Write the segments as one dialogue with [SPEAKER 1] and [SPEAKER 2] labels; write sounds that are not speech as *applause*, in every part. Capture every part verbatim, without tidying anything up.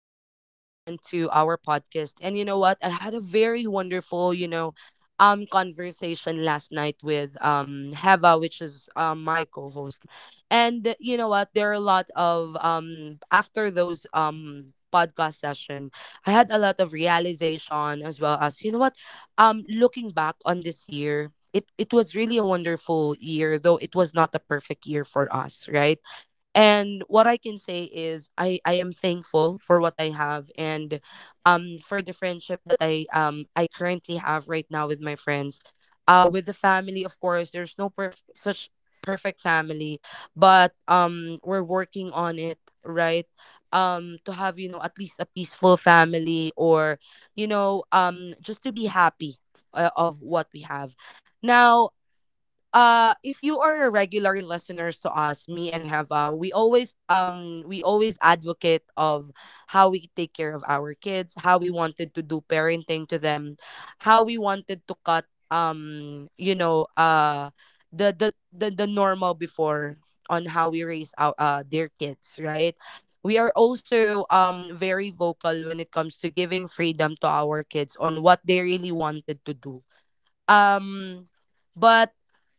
[SPEAKER 1] welcome back again to our podcast. And you know what? I had a very wonderful, you know, um, conversation last night with um Heva, which is um my co-host. And you know what? There are a lot of um after those um podcast session, I had a lot of realization as well as you know what? Um, looking back on this year. It, it was really a wonderful year, though it was not a perfect year for us, right? And what I can say is i i am thankful for what I have. And um for the friendship that i um i currently have right now with my friends, uh with the family. Of course, there's no perf- such perfect family, but um we're working on it. Right. um to have, you know at least a peaceful family, or you know um just to be happy uh, of what we have now. uh if you are a regular listeners to us, me and Heva, we always um we always advocate of how we take care of our kids, how we wanted to do parenting to them, how we wanted to cut, um you know uh the the the, the normal before, on how we raise our uh their kids, right? We are also um very vocal when it comes to giving freedom to our kids on what they really wanted to do. um, but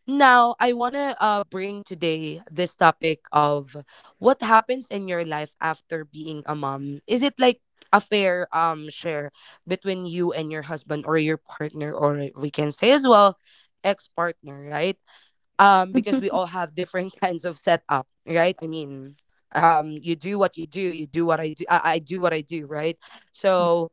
[SPEAKER 1] now I want to uh, bring today this topic of what happens in your life after being a mom. Is it like a fair um share between you and your husband or your partner, or we can say as well, ex-partner, right? Um, because we all have different *laughs* kinds of setup, right? I mean, um, you do what you do, you do what I do, I, I do what I do, right? So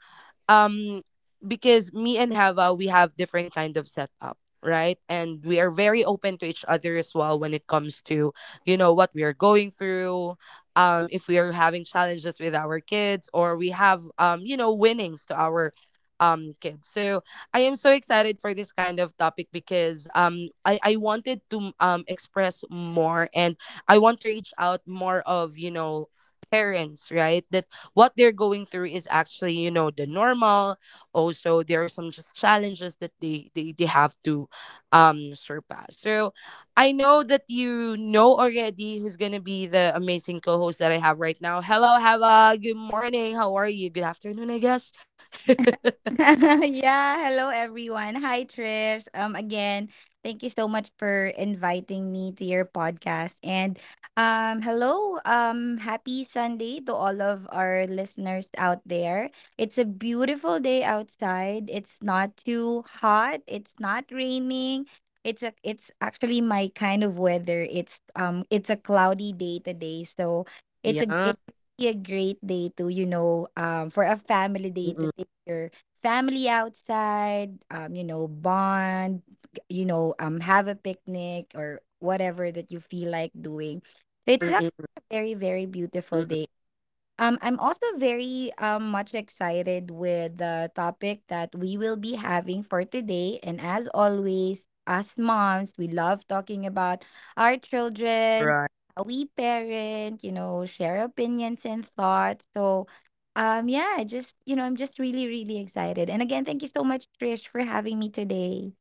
[SPEAKER 1] um because me and Hava, we have different kind of setup, right? And we are very open to each other as well when it comes to, you know, what we are going through, um if we are having challenges with our kids, or we have um you know winnings to our um kids. So I am so excited for this kind of topic, because um I I wanted to um express more, and I want to reach out more of, you know, parents, right? That what they're going through is actually you know the normal. Also, there are some just challenges that they they, they have to um surpass. So I know that you know already who's gonna be the amazing co-host that I have right now. Hello, Hava. Good morning. How are you? Good afternoon, I guess. *laughs*
[SPEAKER 2] *laughs* Yeah, hello everyone. Hi Trish. Um again, thank you so much for inviting me to your podcast. And um hello, um happy Sunday to all of our listeners out there. It's a beautiful day outside. It's not too hot, it's not raining. It's a, it's actually my kind of weather. It's um it's a cloudy day today. So it's a
[SPEAKER 1] Yeah.
[SPEAKER 2] it's a great day to, you know, um for a family day to
[SPEAKER 1] Mm-mm.
[SPEAKER 2] take your family outside, um, you know, bond, you know, um, have a picnic or whatever that you feel like doing. So it's
[SPEAKER 1] Mm-mm-mm-mm.
[SPEAKER 2] actually a very, very beautiful day. Um, I'm also very um, much excited with the topic that we will be having for today. And as always, us moms, we love talking about our children, how we parent, you know, share opinions and thoughts. So, um, yeah, I just, you know, I'm just really, really excited. And again, thank you so much, Trish, for having me today.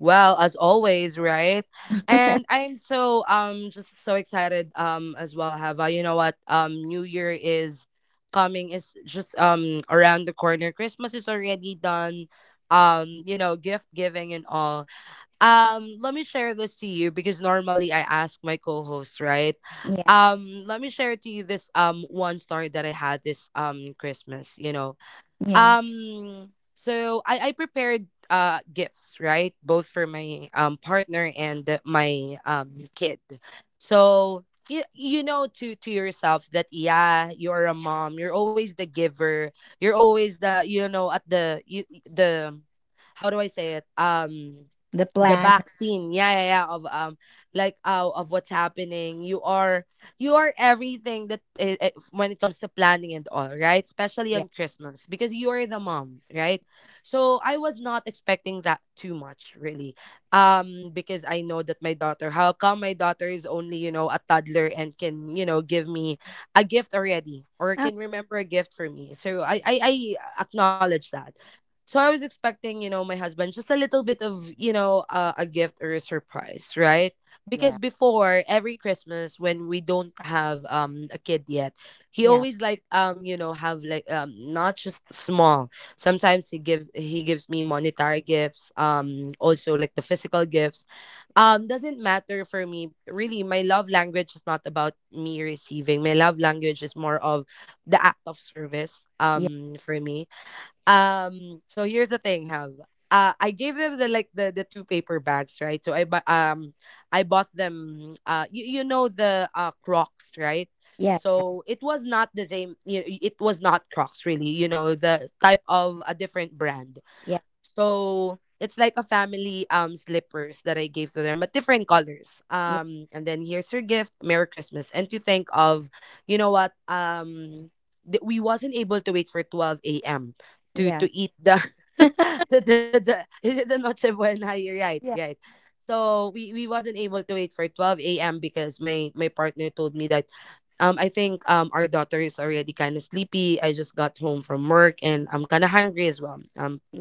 [SPEAKER 1] Well, as always, right? And
[SPEAKER 2] *laughs*
[SPEAKER 1] I'm so um just so excited um as well, Hava. You know what? Um New Year is coming, is just um around the corner. Christmas is already done. Um, you know, gift giving and all. Um, let me share this to you, because normally I ask my co-host, right?
[SPEAKER 2] Yeah,
[SPEAKER 1] Um, let me share to you this um one story that I had this um Christmas, you know.
[SPEAKER 2] yeah.
[SPEAKER 1] Um, so I, I prepared uh gifts, right? Both for my um partner and my um kid. So you, you know to to yourself that yeah, you're a mom, you're always the giver, you're always the, you know at the you, the, how do I say it? Um
[SPEAKER 2] The
[SPEAKER 1] the
[SPEAKER 2] plan.
[SPEAKER 1] back scene, yeah, yeah, yeah, of um like uh, of what's happening. You are you are everything that, eh, eh, when it comes to planning and all, right? Especially
[SPEAKER 2] Yeah.
[SPEAKER 1] on Christmas, because you are the mom, right? So I was not expecting that too much, really. Um, because I know that my daughter, how come my daughter is only, you know, a toddler and can, you know, give me a gift already or
[SPEAKER 2] Ah,
[SPEAKER 1] can remember a gift for me. So I I, I acknowledge that. So I was expecting, you know, my husband, just a little bit of, you know, uh, a gift or a surprise, right? Because
[SPEAKER 2] yeah,
[SPEAKER 1] before every Christmas, when we don't have um a kid yet, he
[SPEAKER 2] yeah,
[SPEAKER 1] always like um you know have like um not just small, sometimes he gives he gives me monetary gifts, um also like the physical gifts. um doesn't matter for me, really. My love language is not about me receiving. My love language is more of the act of service,
[SPEAKER 2] yeah,
[SPEAKER 1] um for me. um, so here's the thing, Hal. uh, I gave them the, like, the the two paper bags, right? So I bu- um I bought them uh you, you know the uh Crocs, right?
[SPEAKER 2] yeah,
[SPEAKER 1] So it was not the same, you know, it was not Crocs really, you know, the type of a different brand.
[SPEAKER 2] yeah,
[SPEAKER 1] So it's like a family um slippers that I gave to them, but different colors.
[SPEAKER 2] yeah,
[SPEAKER 1] Um, and then, here's your gift, Merry Christmas. And to think of, you know what, um, th- we wasn't able to wait for twelve a m to
[SPEAKER 2] yeah, yeah,
[SPEAKER 1] to eat the *laughs* the, the, the is it the noche buena? You're right,
[SPEAKER 2] yeah,
[SPEAKER 1] right. So we we wasn't able to wait for twelve a m because my my partner told me that. Um, I think um our daughter is already kind of sleepy. I just got home from work, and I'm kind of hungry as well. Um.
[SPEAKER 2] yeah.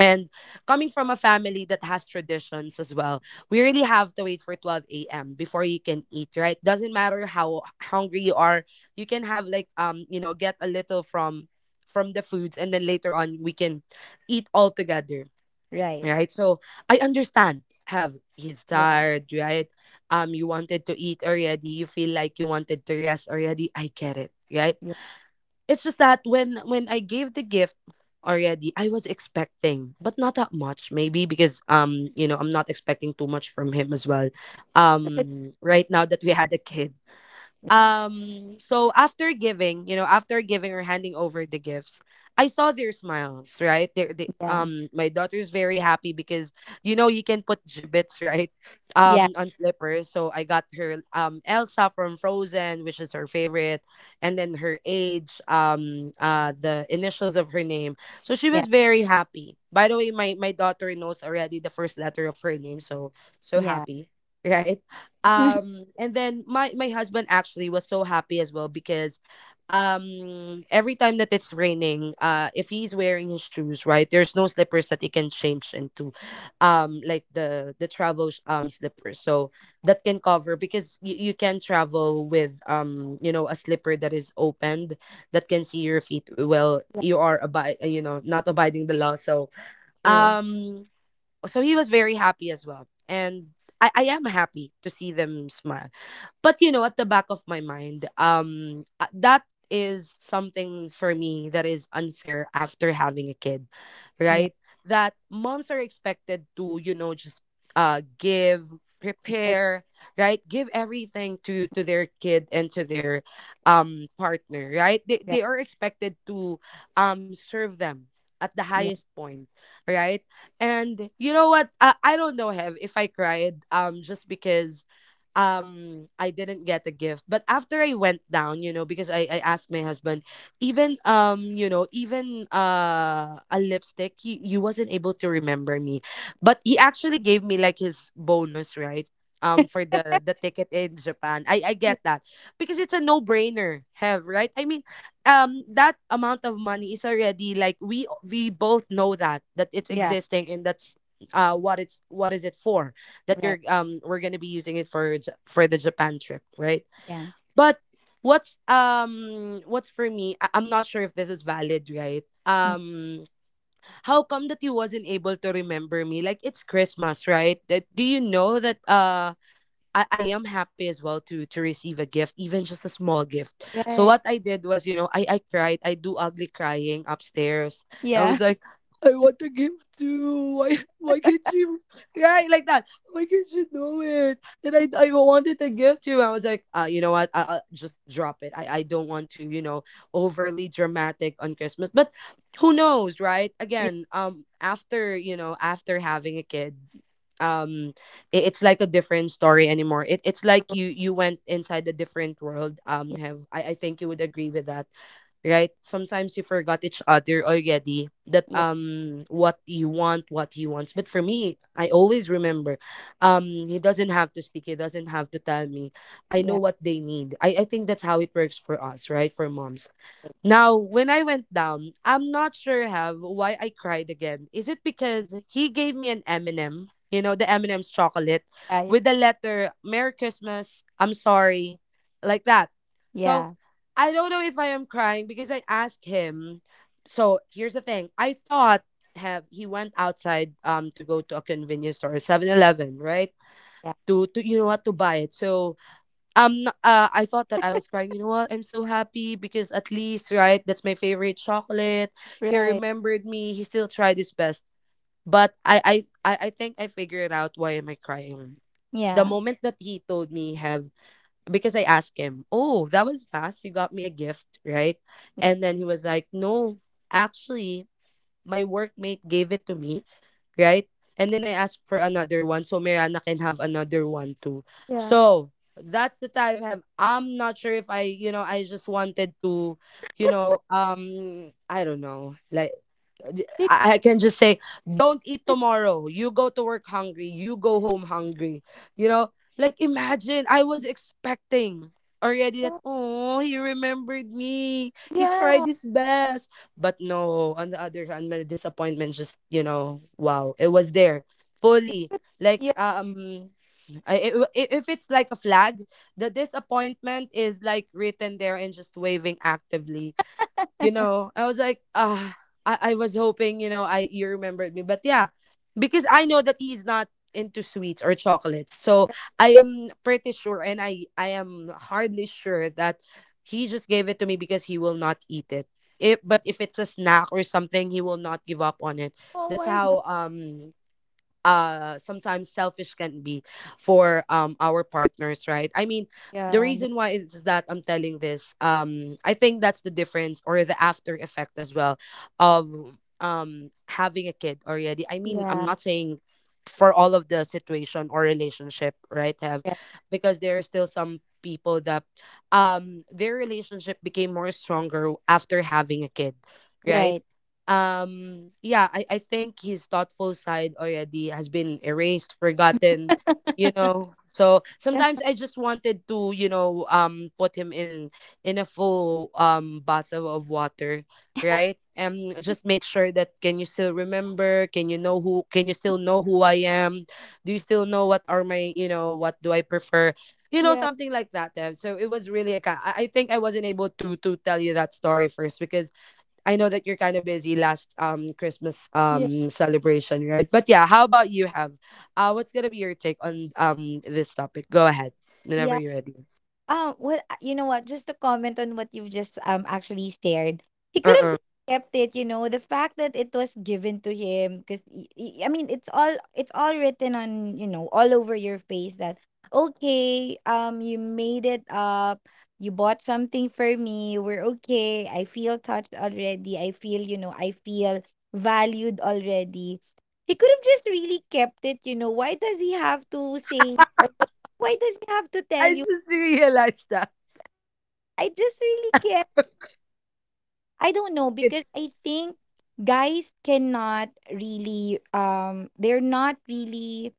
[SPEAKER 1] And coming from a family that has traditions as well, we really have to wait for twelve a m before you can eat, right? Doesn't matter how hungry you are, you can have like, um, you know, get a little from from the foods, and then later on we can eat all together.
[SPEAKER 2] Right.
[SPEAKER 1] Right. So I understand, have, he's
[SPEAKER 2] Yeah,
[SPEAKER 1] tired, right? Um, you wanted to eat already, you feel like you wanted to rest already. I get it, right?
[SPEAKER 2] yeah,
[SPEAKER 1] It's just that when when I gave the gift already, I was expecting, but not that much, maybe because um you know I'm not expecting too much from him as well. Um, right now that we had a kid. Um, so after giving, you know, after giving or handing over the gifts, I saw their smiles, right? They're, they,
[SPEAKER 2] yeah,
[SPEAKER 1] um, my daughter's very happy, because you know you can put gibbets, *laughs* right,
[SPEAKER 2] yeah,
[SPEAKER 1] um, on slippers. So I got her um Elsa from Frozen, which is her favorite, and then her age, um, uh, the initials of her name. So she
[SPEAKER 2] yeah,
[SPEAKER 1] was very happy. By the way, my my daughter knows already the first letter of her name, so so
[SPEAKER 2] yeah.
[SPEAKER 1] happy, *laughs* right?
[SPEAKER 2] *laughs*
[SPEAKER 1] um and then my my husband actually was so happy as well, because um every time that it's raining, uh if he's wearing his shoes, right, there's no slippers that he can change into, um like the the travel sh- um slippers, so that can cover. Because you, you can travel with um you know a slipper that is opened, that can see your feet. Well,
[SPEAKER 2] Yeah,
[SPEAKER 1] you are abide, you know not abiding the law. So
[SPEAKER 2] true.
[SPEAKER 1] um so he was very happy as well. And I, I am happy to see them smile, but you know at the back of my mind, um uh, that is something for me, that is unfair after having a kid,
[SPEAKER 2] Yeah,
[SPEAKER 1] right? That moms are expected to, you know just uh give,
[SPEAKER 2] eh,
[SPEAKER 1] prepare, right, give everything to to their kid, and to their um partner, right. they,
[SPEAKER 2] right.
[SPEAKER 1] they are expected to um serve them at the
[SPEAKER 2] Yeah,
[SPEAKER 1] highest point, right. And you know what? I, I don't know, Hev, if I cried, um, just because um I didn't get the gift. But after I went down, you know, because I, I asked my husband, even um, you know, even uh a lipstick, he, he wasn't able to remember me. But he actually gave me, like, his bonus, right? Um, for the the ticket in Japan. I, I get that. Because it's a no-brainer, Hev, right? I mean, um that amount of money is already, like, we we both know that that it's
[SPEAKER 2] yeah,
[SPEAKER 1] existing, and that's uh what it's, what is it for, that you're,
[SPEAKER 2] right.
[SPEAKER 1] um we're going to be using it for, J- for the Japan trip, right?
[SPEAKER 2] Yeah,
[SPEAKER 1] But what's um what's for me, I- I'm not sure if this is valid, right?
[SPEAKER 2] mm,
[SPEAKER 1] um how come that you wasn't able to remember me, like it's Christmas, right, that, do you know that, uh, I, I am happy as well to to receive a gift, even just a small gift. So
[SPEAKER 2] right.
[SPEAKER 1] what I did was, you know, I I cried. I do ugly crying upstairs. I
[SPEAKER 2] Yeah,
[SPEAKER 1] was like, I want a gift too. Why *laughs* why can't you, right, like that? Why can't you do it? And I I wanted a gift too. I was like, uh, you know what? I, I'll just drop it. I I don't want to, you know, overly dramatic on Christmas, but. Who knows, right?
[SPEAKER 2] *laughs* yeah,
[SPEAKER 1] Again, um, after you know, after having a kid, um, i- it's like a different story anymore. It it's like you you went inside a different world. Um, have I, I think you would agree with that, right? Sometimes you forgot each other already. That
[SPEAKER 2] yeah,
[SPEAKER 1] um what you want, what he wants. But for me, I always remember. Um, he doesn't have to speak. He doesn't have to tell me. I
[SPEAKER 2] yeah,
[SPEAKER 1] know
[SPEAKER 2] yeah,
[SPEAKER 1] what they need. I I think that's how it works for us, right? For moms now, when I went down, I'm not sure have why I cried again. Is it because he gave me an M and M, you know, the M and M's chocolate with the letter Merry Christmas, I'm sorry, like that.
[SPEAKER 2] yeah,
[SPEAKER 1] So,
[SPEAKER 2] yeah,
[SPEAKER 1] I don't know if I am crying because I asked him. So, here's the thing. I thought have he went outside um to go to a convenience store, Seven Eleven, right?
[SPEAKER 2] yeah,
[SPEAKER 1] To to you know what to buy it. So, um uh, I thought that I was crying you know what I'm so happy because at least right that's my favorite chocolate,
[SPEAKER 2] yeah,
[SPEAKER 1] he
[SPEAKER 2] right.
[SPEAKER 1] remembered me, he still tried his best. But i i i, I think I figured out why am I crying the
[SPEAKER 2] Yeah,
[SPEAKER 1] moment that he told me have because I asked him, oh, that was fast, you got me a gift, right?
[SPEAKER 2] yeah,
[SPEAKER 1] And then he was like, no, actually, my workmate gave it to me, right? And then I asked for another one so Mirana can have another one too.
[SPEAKER 2] yeah, yeah,
[SPEAKER 1] So that's the time have I'm not sure if I you know I just wanted to you know um I don't know like I I can just say, don't eat tomorrow. You go to work hungry. You go home hungry. You know, like imagine I was expecting already that, oh, he remembered me. He tried
[SPEAKER 2] yeah.
[SPEAKER 1] his best. But no, on the other hand, my disappointment just, you know, wow, it was there fully. Like,
[SPEAKER 2] Yeah.
[SPEAKER 1] um, I- i- i- if it's like a flag, the disappointment is like written there and just waving actively. You know, I was like, ah, I, I was hoping you know i, you remembered me, but yeah, because I know that he's not into sweets or chocolates. So I am pretty sure and I I am hardly sure that he just gave it to me because he will not eat it. If, but if it's a snack or something, he will not give up on it.
[SPEAKER 2] Oh
[SPEAKER 1] That's
[SPEAKER 2] my God.
[SPEAKER 1] how um uh sometimes selfish can be for um our partners, right? I mean, the
[SPEAKER 2] Yeah, th-
[SPEAKER 1] reason why is that I'm telling this um I think that's the difference or the after effect as well of um having a kid already. I mean, I'm
[SPEAKER 2] yeah,
[SPEAKER 1] not saying for all of the situation or relationship, right have
[SPEAKER 2] right,
[SPEAKER 1] because there are still some people that um their relationship became more stronger after having a kid, right?
[SPEAKER 2] right.
[SPEAKER 1] Um yeah, I, I think his thoughtful side already has been erased, forgotten. You know, so sometimes I just wanted to you know um put him in in a full um bath of water, right, and just make sure that, can you still remember, can you know who, can you still know who I am, do you still know what are my, you know, what do I prefer, you know,
[SPEAKER 2] Yeah,
[SPEAKER 1] something like that, Dev. So it was really a ki- I I think I wasn't able to to tell you that story first because I know that you're kind of busy last um Christmas
[SPEAKER 2] yeah,
[SPEAKER 1] um celebration, right? But yeah, how about you have uh, what's gonna be your take on um this topic? Go ahead. Whenever
[SPEAKER 2] yeah.
[SPEAKER 1] you're ready.
[SPEAKER 2] Um, well, uh, you know what? Just to comment on what you've just um actually shared, he could have
[SPEAKER 1] Uh-uh.
[SPEAKER 2] kept it. You know, the fact that it was given to him, because I mean, it's all it's all written on you know all over your face that okay, um, you made it up, you bought something for me, we're okay. I feel touched already. I feel you know, I feel valued already. He could have just really kept it. You know, why does he have to say or why does he have to tell
[SPEAKER 1] I
[SPEAKER 2] you?
[SPEAKER 1] just realized that.
[SPEAKER 2] I just really care. I don't know
[SPEAKER 1] Right.
[SPEAKER 2] because I think guys cannot really um they're not really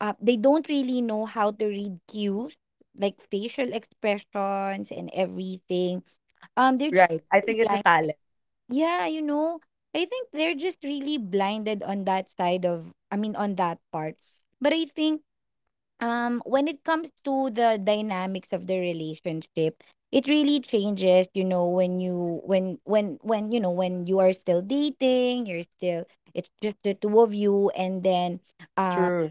[SPEAKER 2] uh they don't really know how to read cues, like facial expressions and everything. Um they're
[SPEAKER 1] Right.
[SPEAKER 2] just
[SPEAKER 1] I think it's a
[SPEAKER 2] blind.
[SPEAKER 1] talent.
[SPEAKER 2] Yeah, you know. I think they're just really blinded on that side of I mean on that part. But I think um when it comes to the dynamics of the relationship, it really changes, you know when you when when when you know when you are still dating, you're still it's just the two of you, and then uh
[SPEAKER 1] True.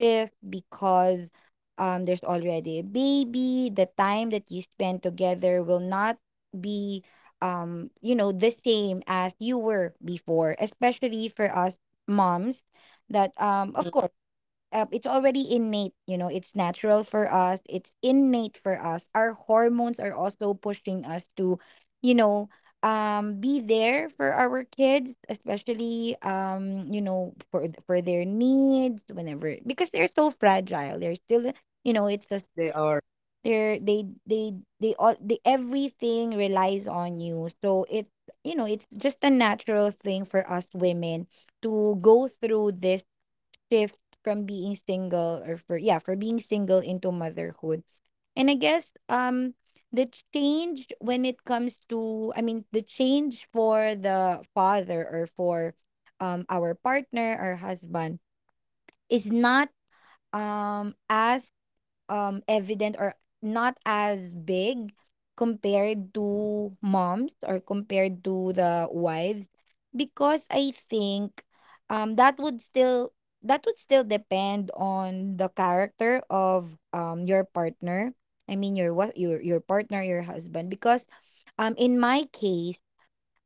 [SPEAKER 2] shift, because um there's already a baby. The time that you spend together will not be um you know the same as you were before, especially for us moms, that um of
[SPEAKER 1] Mm-mm.
[SPEAKER 2] course um, it's already innate, you know, it's natural for us, it's innate for us. Our hormones are also pushing us to you know um be there for our kids, especially um you know for th- for their needs whenever, because they're so fragile. They're still you know it's just
[SPEAKER 1] They are.
[SPEAKER 2] they're they they they all they everything relies on you, so it's you know it's just a natural thing for us women to go through this shift from being single, or for yeah for being single into motherhood. And I guess um the change when it comes to, I mean, the change for the father or for um our partner or husband is not um as um evident, or not as big compared to moms or compared to the wives, because I think um that would still that would still depend on the character of um your partner. I mean your what your your partner, your husband. Because um in my case,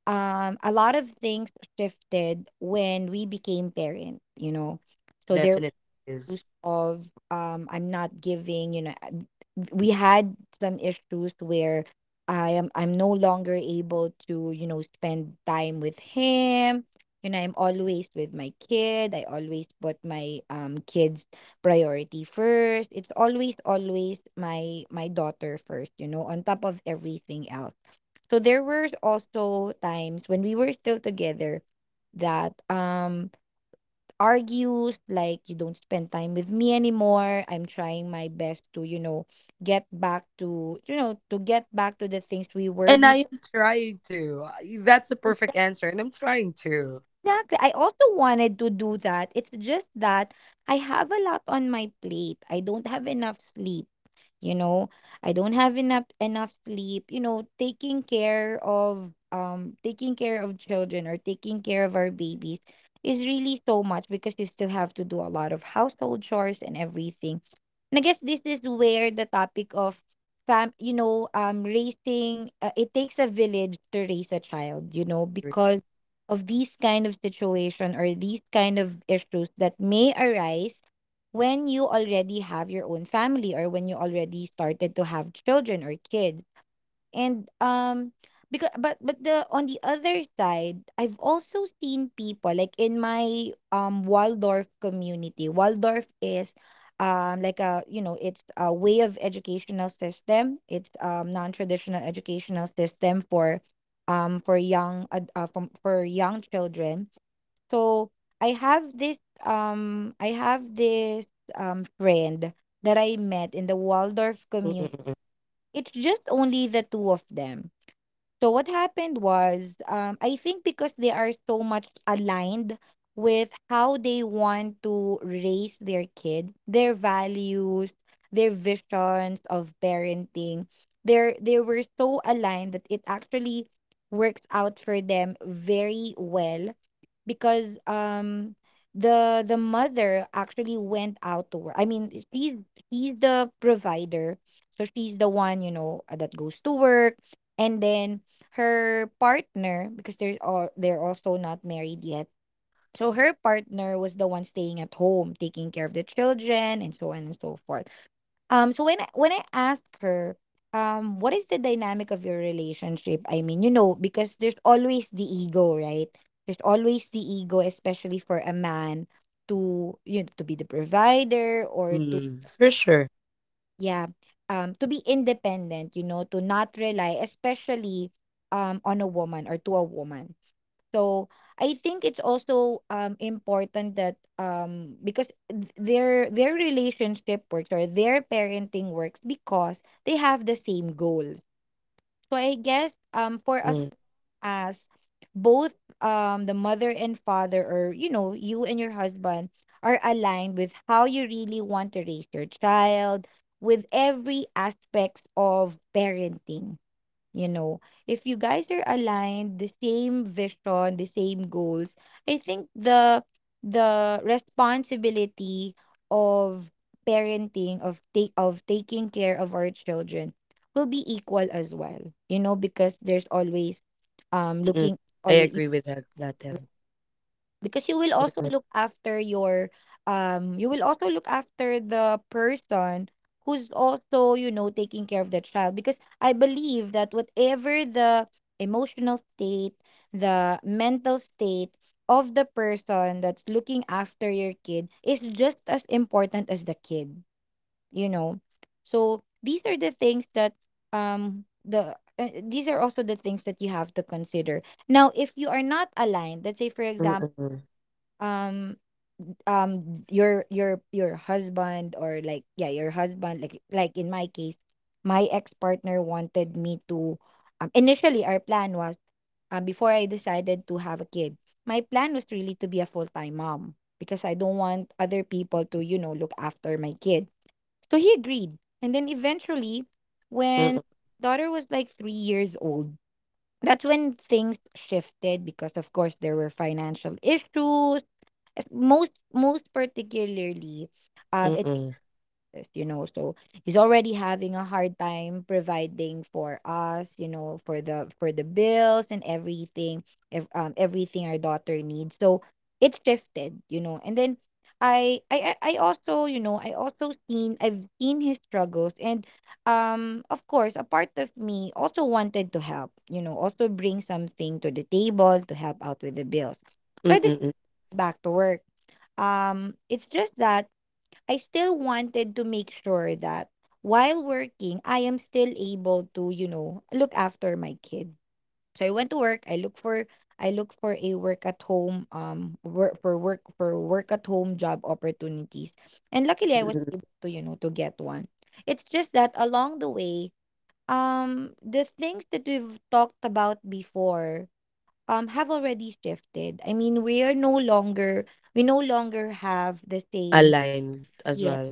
[SPEAKER 2] um a lot of things shifted when we became parent, you know. So there
[SPEAKER 1] Definitely is.
[SPEAKER 2] of um I'm not giving, you know, I- we had some issues where I am I'm no longer able to, you know, spend time with him. You know, I'm always with my kid. I always put my um kids priority first. It's always always my my daughter first, you know, on top of everything else. So there were
[SPEAKER 1] Mm-mm.
[SPEAKER 2] also times when we were still together that um argue, like, you don't spend time with me anymore. I'm trying my best to, you know, get back to, you know, to get back to the things we were
[SPEAKER 1] And I am trying to. That's a perfect answer, and I'm trying to.
[SPEAKER 2] Exactly. I also wanted to do that. It's just that I have a lot on my plate. I don't have enough sleep, you know. I don't have enough enough sleep, you know. Taking care of um taking care of children, or taking care of our babies, is really so much, because you still have to do a lot of household chores and everything. And I guess this is where the topic of fam, you know, um raising, uh, it takes a village to raise a child, you know,
[SPEAKER 1] Mm-mm.
[SPEAKER 2] because of these kind of situation, or these kind of issues that may arise when you already have your own family, or when you already started to have children or kids. And um because but but the on the other side, I've also seen people, like in my um Waldorf community. Waldorf is um like a you know, it's a way of educational system. It's um non-traditional educational system for um for young ad- uh, from for young children. So I have this um I have this um friend that I met in the Waldorf community.
[SPEAKER 1] Mm-mm.
[SPEAKER 2] It's just only the two of them, so what happened was, um, I think because they are so much aligned with how they want to raise their kid, their values, their visions of parenting. They're they were so aligned that it actually works out for them very well, because um the the mother actually went out to work. I mean, she's she's the provider, so she's the one you know that goes to work, and then her partner, because they're all they're also not married yet, so her partner was the one staying at home taking care of the children and so on and so forth. Um so when I, when I asked her um what is the dynamic of your relationship, I mean, you know because there's always the ego, right? There's always the ego, especially for a man to, you know, to be the provider, or to
[SPEAKER 1] Mm. For sure.
[SPEAKER 2] yeah um to be independent, you know to not rely, especially um on a woman or to a woman. So I think it's also um important that, um because th- their their relationship works, or their parenting works, because they have the same goals. So I guess um for us,
[SPEAKER 1] Mm-mm.
[SPEAKER 2] as both um the mother and father, or you know you and your husband, are aligned with how you really want to raise your child, with every aspect of parenting. You know, if you guys are aligned, the same vision, the same goals, I think the the responsibility of parenting, of take of taking care of our children, will be equal as well. You know, because there's always um
[SPEAKER 1] Mm-mm.
[SPEAKER 2] looking
[SPEAKER 1] I
[SPEAKER 2] always
[SPEAKER 1] agree with that, that Dev.
[SPEAKER 2] because you will also
[SPEAKER 1] Mm-mm.
[SPEAKER 2] look after your um you will also look after the person who's also, you know, taking care of the child. Because I believe that whatever the emotional state, the mental state of the person that's looking after your kid, is just as important as the kid. you know so these are the things that um the uh, these are also the things that you have to consider. Now, if you are not aligned, let's say for example,
[SPEAKER 1] Mm-mm.
[SPEAKER 2] um um your your your husband, or like, yeah your husband, like like in my case, my ex-partner wanted me to um initially, our plan was, um before I decided to have a kid, my plan was really to be a full-time mom, because I don't want other people to you know look after my kid. So he agreed, and then eventually, when
[SPEAKER 1] Mm,
[SPEAKER 2] daughter was like three years old, that's when things shifted, because of course there were financial issues. es- most most particularly, um it's
[SPEAKER 1] mm,
[SPEAKER 2] this, you know so he's already having a hard time providing for us, you know for the for the bills and everything, if, um everything our daughter needs. So it shifted, you know, and then I, I I I also, you know, I also seen I've seen his struggles. And um of course a part of me also wanted to help, you know also bring something to the table to help out with the bills. So I
[SPEAKER 1] mm,
[SPEAKER 2] decided
[SPEAKER 1] mm,
[SPEAKER 2] back to work. Um, it's just that I still wanted to make sure that while working, I am still able to, you know, look after my kid. So I went to work. I look for I look for a work at home um work for work for work at home job opportunities. And luckily I was
[SPEAKER 1] mm.
[SPEAKER 2] able to, you know, to get one. It's just that along the way, um the things that we've talked about before um have already shifted. I mean, we are no longer we no longer have the same
[SPEAKER 1] Aligned as
[SPEAKER 2] yeah.
[SPEAKER 1] well.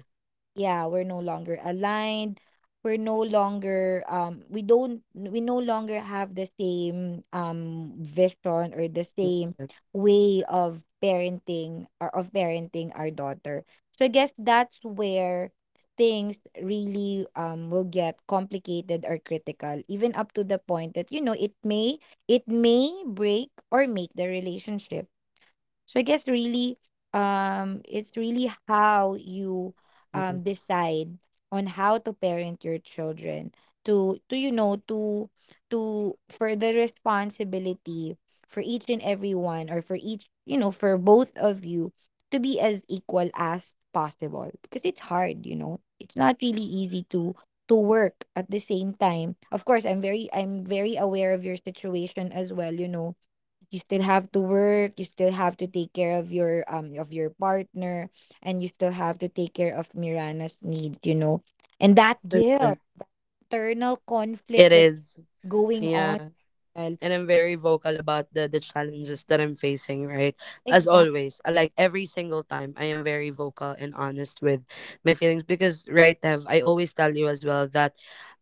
[SPEAKER 2] Yeah, we're no longer aligned. We're no longer um we don't we no longer have the same um vision or the
[SPEAKER 1] For
[SPEAKER 2] same
[SPEAKER 1] sure.
[SPEAKER 2] way of parenting or of parenting our daughter. So I guess that's where things really um will get complicated or critical, even up to the point that, you know, it may it may break or make the relationship. So I guess really, um, it's really how you
[SPEAKER 1] Mm-mm.
[SPEAKER 2] um decide on how to parent your children, to to you know to to for the responsibility for each and every one, or for each, you know, for both of you to be as equal as possible, because it's hard, you know, it's not really easy to to work at the same time. Of course, i'm very i'm very aware of your situation as well, you know. You still have to work, you still have to take care of your um of your partner, and you still have to take care of Mirana's needs, you know. And that
[SPEAKER 1] For
[SPEAKER 2] guilt,
[SPEAKER 1] sure.
[SPEAKER 2] internal conflict
[SPEAKER 1] It
[SPEAKER 2] that's
[SPEAKER 1] is.
[SPEAKER 2] going on.
[SPEAKER 1] Yeah.
[SPEAKER 2] Well,
[SPEAKER 1] And I'm very vocal about the the challenges that I'm facing, right? As
[SPEAKER 2] exactly.
[SPEAKER 1] always, uh, like every single time, I am very vocal and honest with my feelings because, right, Dev, I always tell you as well that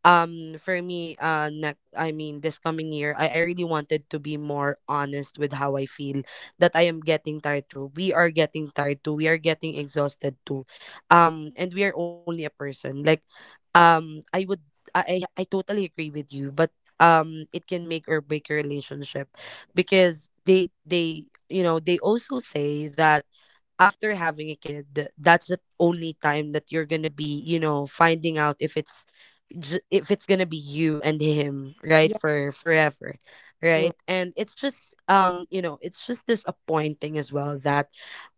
[SPEAKER 1] um for me, uh, next, I mean this coming year, I, I really wanted to be more honest with how I feel, that I am getting tired too. We are getting tired too. We are getting exhausted too. Um and we are only a person. Like um I would, I I, I totally agree with you, but um it can make or break your relationship because they they you know they also say that after having a kid th- that's the only time that you're gonna be, you know, finding out if it's j- if it's gonna be you and him, right,
[SPEAKER 2] Yeah,
[SPEAKER 1] for forever.
[SPEAKER 2] true.
[SPEAKER 1] Right, and it's just um you know it's just disappointing as well that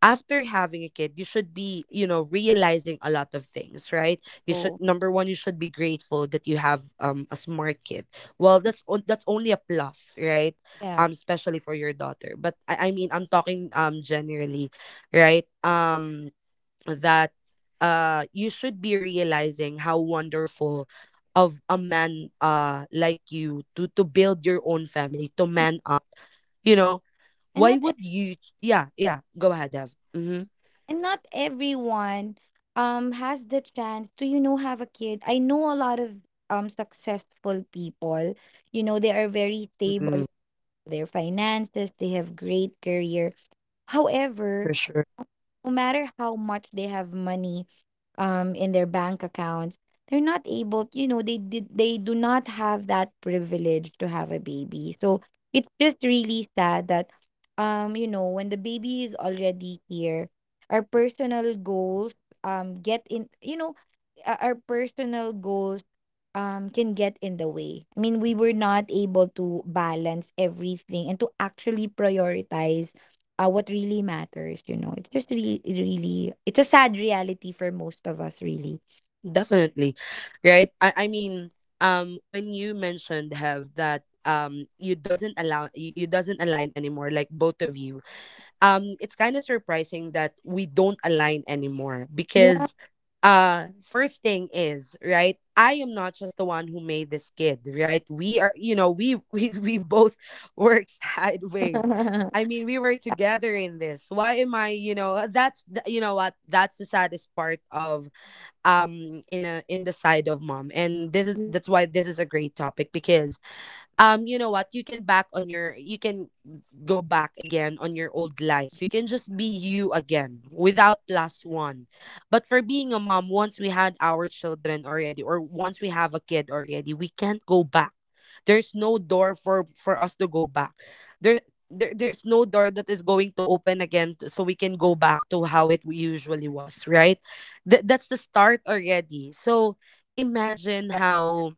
[SPEAKER 1] after having a kid you should be, you know, realizing a lot of things, right? You should,
[SPEAKER 2] So
[SPEAKER 1] number one, you should be grateful that you have um a smart kid. Well, that's on- that's only a plus, right?
[SPEAKER 2] yeah.
[SPEAKER 1] Um, especially for your daughter. But I, I mean, I'm talking um generally, right? Um, that, uh, you should be realizing how wonderful of a man, uh, like you to to build your own family, to
[SPEAKER 2] you-
[SPEAKER 1] man up. You know,
[SPEAKER 2] and
[SPEAKER 1] why
[SPEAKER 2] not ev-
[SPEAKER 1] would you? Yeah, yeah. Go ahead, Dev. Mm-hmm.
[SPEAKER 2] and not everyone um has the chance to, you know, have a kid. I know a lot of um successful people, you know, they are very stable
[SPEAKER 1] Mm-mm,
[SPEAKER 2] with their finances, they have great career. However,
[SPEAKER 1] for sure.
[SPEAKER 2] no matter how much they have money um in their bank accounts, they're not able, you know, they did they do not have that privilege to have a baby. So it's just really sad that, um you know, when the baby is already here, our personal goals um get in you know uh, our personal goals um can get in the way. I mean, we were not able to balance everything and to actually prioritize uh, what really matters, you know. It's just really, really, it's a sad reality for most of us, really.
[SPEAKER 1] Definitely. Right? I, I mean, um when you mentioned have that um you doesn't allow you, you doesn't align anymore, like both of you. Um it's kind of surprising that we don't align anymore
[SPEAKER 2] Yeah.
[SPEAKER 1] because, uh, first thing is, right? I am not just the one who made this kid, right? We are, you know, we *laughs* we we both work sideways. I
[SPEAKER 2] *laughs*
[SPEAKER 1] mean, we were together in this. Why am I, you know, that's the, you know what? That's the saddest part um in a in the side of mom, and this is, that's why this is a great topic because um you know what, you can back on your, you can go back again on your old life, you can just be you again without plus one. But for being a mom, once we had our children already, or once we have a kid already, we can't go back, there's no door for for us to go back there there, there's no door that is going to open again t- so we can go back to how it usually was, right? Th- that's the start already. So imagine how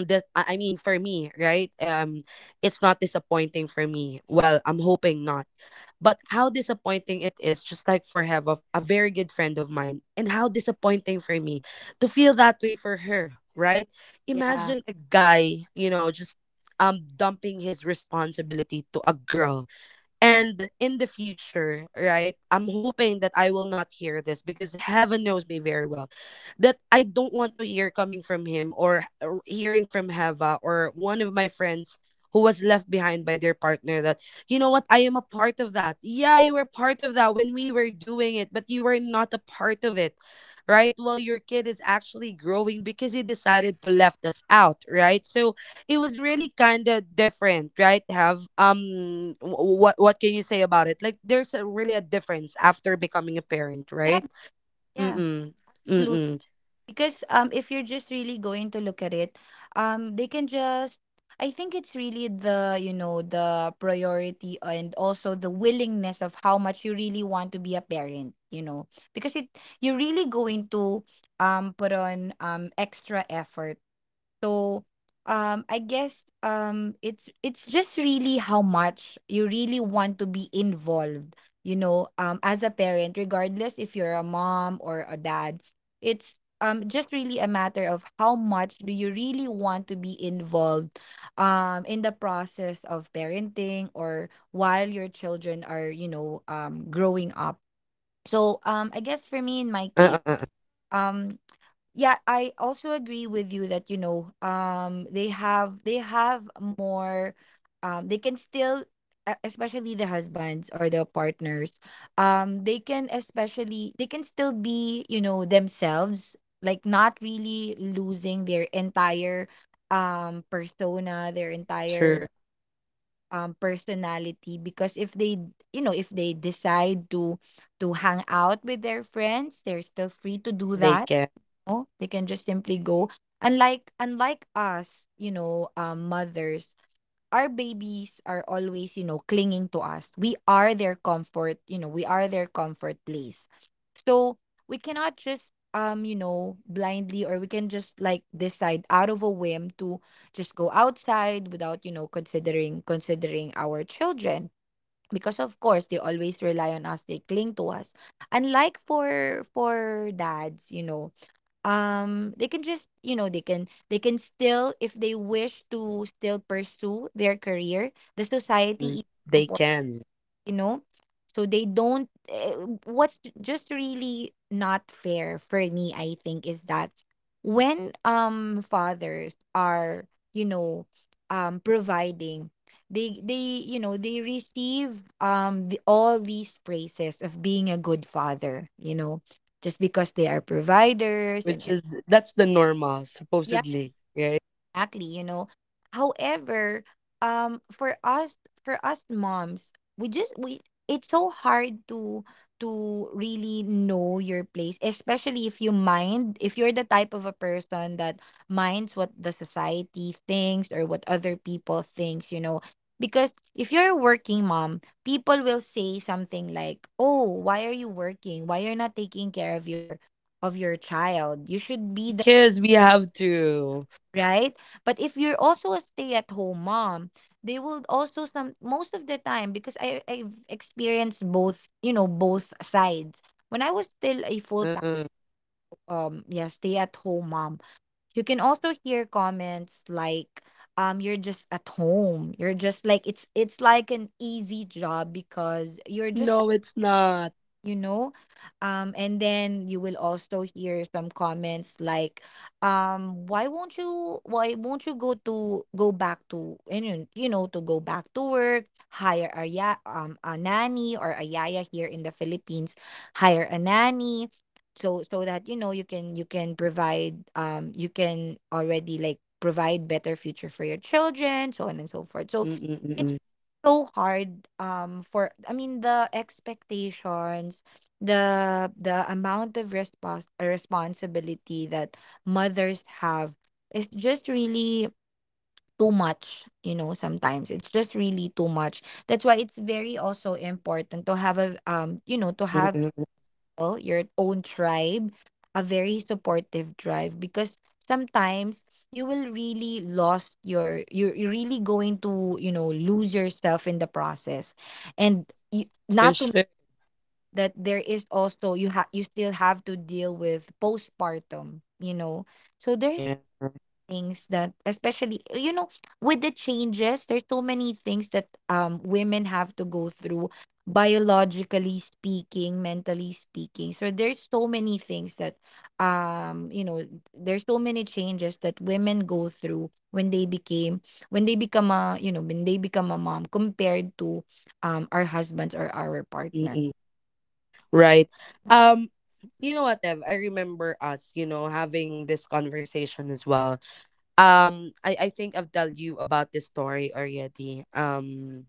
[SPEAKER 1] this I I mean, for me, right, um, it's not disappointing for me, well, I'm hoping not, but how disappointing it is, just like for have a, a very good friend of mine, and how disappointing for me to feel that way for her, right?
[SPEAKER 2] Yeah.
[SPEAKER 1] Imagine a guy, you know, just um dumping his responsibility to a girl, and in the future, right, I'm hoping that I will not hear this, because heaven knows me very well, that I don't want to hear coming from him or or hearing from Heva or one of my friends who was left behind by their partner, that, you know what, I am a part of that. Yeah, you were part of that when we were doing it, but you were not a part of it. Right? Well, your kid is actually growing because he decided to left us out, right? So it was really kind of different, right? Have um wh- what what can you say about it? Like there's a, really a difference after becoming a parent,
[SPEAKER 2] Yeah,
[SPEAKER 1] right?
[SPEAKER 2] yeah,
[SPEAKER 1] Mm-mm.
[SPEAKER 2] absolutely.
[SPEAKER 1] Mm-mm.
[SPEAKER 2] Because um, if you're just really going to look at it, um, they can just. I think it's really the, you know, the priority and also the willingness of how much you really want to be a parent. You know, because it you're really going to um put on um extra effort. So um I guess, um it's it's just really how much you really want to be involved, you know, um as a parent, regardless if you're a mom or a dad. It's um just really a matter of how much do you really want to be involved um in the process of parenting or while your children are, you know, um growing up. So um I guess for me, in my
[SPEAKER 1] Uh,
[SPEAKER 2] case,
[SPEAKER 1] uh, uh,
[SPEAKER 2] um yeah, I also agree with you that, you know, um they have they have more um they can still, e- especially the husbands or the partners, um they can, especially they can still be, you know, themselves, like not really losing their entire um persona, their
[SPEAKER 1] sure,
[SPEAKER 2] entire um personality, because if they, you know, if they decide to to hang out with their friends, they're still free to do
[SPEAKER 1] they
[SPEAKER 2] that,
[SPEAKER 1] can.
[SPEAKER 2] know, they can just simply go. Unlike unlike us, you know, um, mothers, our babies are always, you know, clinging to us. We are their comfort, you know, we are their comfort place. So we cannot just, um, you know, blindly, or we can just like decide out of a whim to just go outside without, you know, considering considering our children. Because of course they always rely on us, they cling to us. Unlike for for dads, you know, um they can just, you know, they can they can still, if they wish to, still pursue their career. The society
[SPEAKER 1] Mm.
[SPEAKER 2] even
[SPEAKER 1] They
[SPEAKER 2] support,
[SPEAKER 1] can.
[SPEAKER 2] you know, so they don't, eh, what's just really not fair for me, I think, is that when um fathers are, you know, um providing, they they you know, they receive um the, all these praises of being a good father, you know, just because they are providers. And
[SPEAKER 1] Which is, that's the normal,
[SPEAKER 2] yeah,
[SPEAKER 1] supposedly, right?
[SPEAKER 2] exactly, you know. However, um for us, for us moms, we just we it's so hard to to really know your place, especially if you mind, if you're the type of a person that minds what the society thinks or what other people thinks, you know. Because if you're a working mom, people will say something like, "Oh, why are you working? Why you're not taking care of your of your child? You should be
[SPEAKER 1] Because we have to.
[SPEAKER 2] right?" But if you're also a stay-at-home mom, they will also some, most of the time, because I I've experienced both, you know, both sides. When I was still a full-time
[SPEAKER 1] Uh-uh.
[SPEAKER 2] um yeah, stay-at-home mom, you can also hear comments like, um you're just at home. You're just like, it's it's like an easy job because you're just,
[SPEAKER 1] No, it's not.
[SPEAKER 2] you know, um and then you will also hear some comments like, um why won't you, why won't you go to go back to, and you know, you know, to go back to work, hire a ya, um a nanny, or a yaya here in the Philippines, hire a nanny, so so that, you know, you can, you can provide, um you can already like provide better future for your children, so on and so forth. So
[SPEAKER 1] Mm-mm-mm-mm.
[SPEAKER 2] so hard, um for, I mean, the expectations, the the amount of response, uh, responsibility that mothers have is just really too much, you know. Sometimes it's just really too much. That's why it's very also important to have a, um you know, to have
[SPEAKER 1] Mm-mm-mm. Mm-mm.
[SPEAKER 2] people, your own tribe, a very supportive tribe, because sometimes you will really lost your, you're you're really going to, you know, lose yourself in the process. And you,
[SPEAKER 1] For
[SPEAKER 2] not to
[SPEAKER 1] sure.
[SPEAKER 2] that, there is also you have you still have to deal with postpartum, you know. So there's
[SPEAKER 1] Yeah.
[SPEAKER 2] things that, especially, you know, with the changes, there's so many things that um women have to go through, biologically speaking, mentally speaking. So there's so many things that, um you know, there's so many changes that women go through when they became when they become a, you know, when they become a mom, compared to um our husbands or our partner.
[SPEAKER 1] Mm-mm. Right. Um. You know what, Dev? I remember us, you know, having this conversation as well. Um, I I think I've told you about this story already. Um,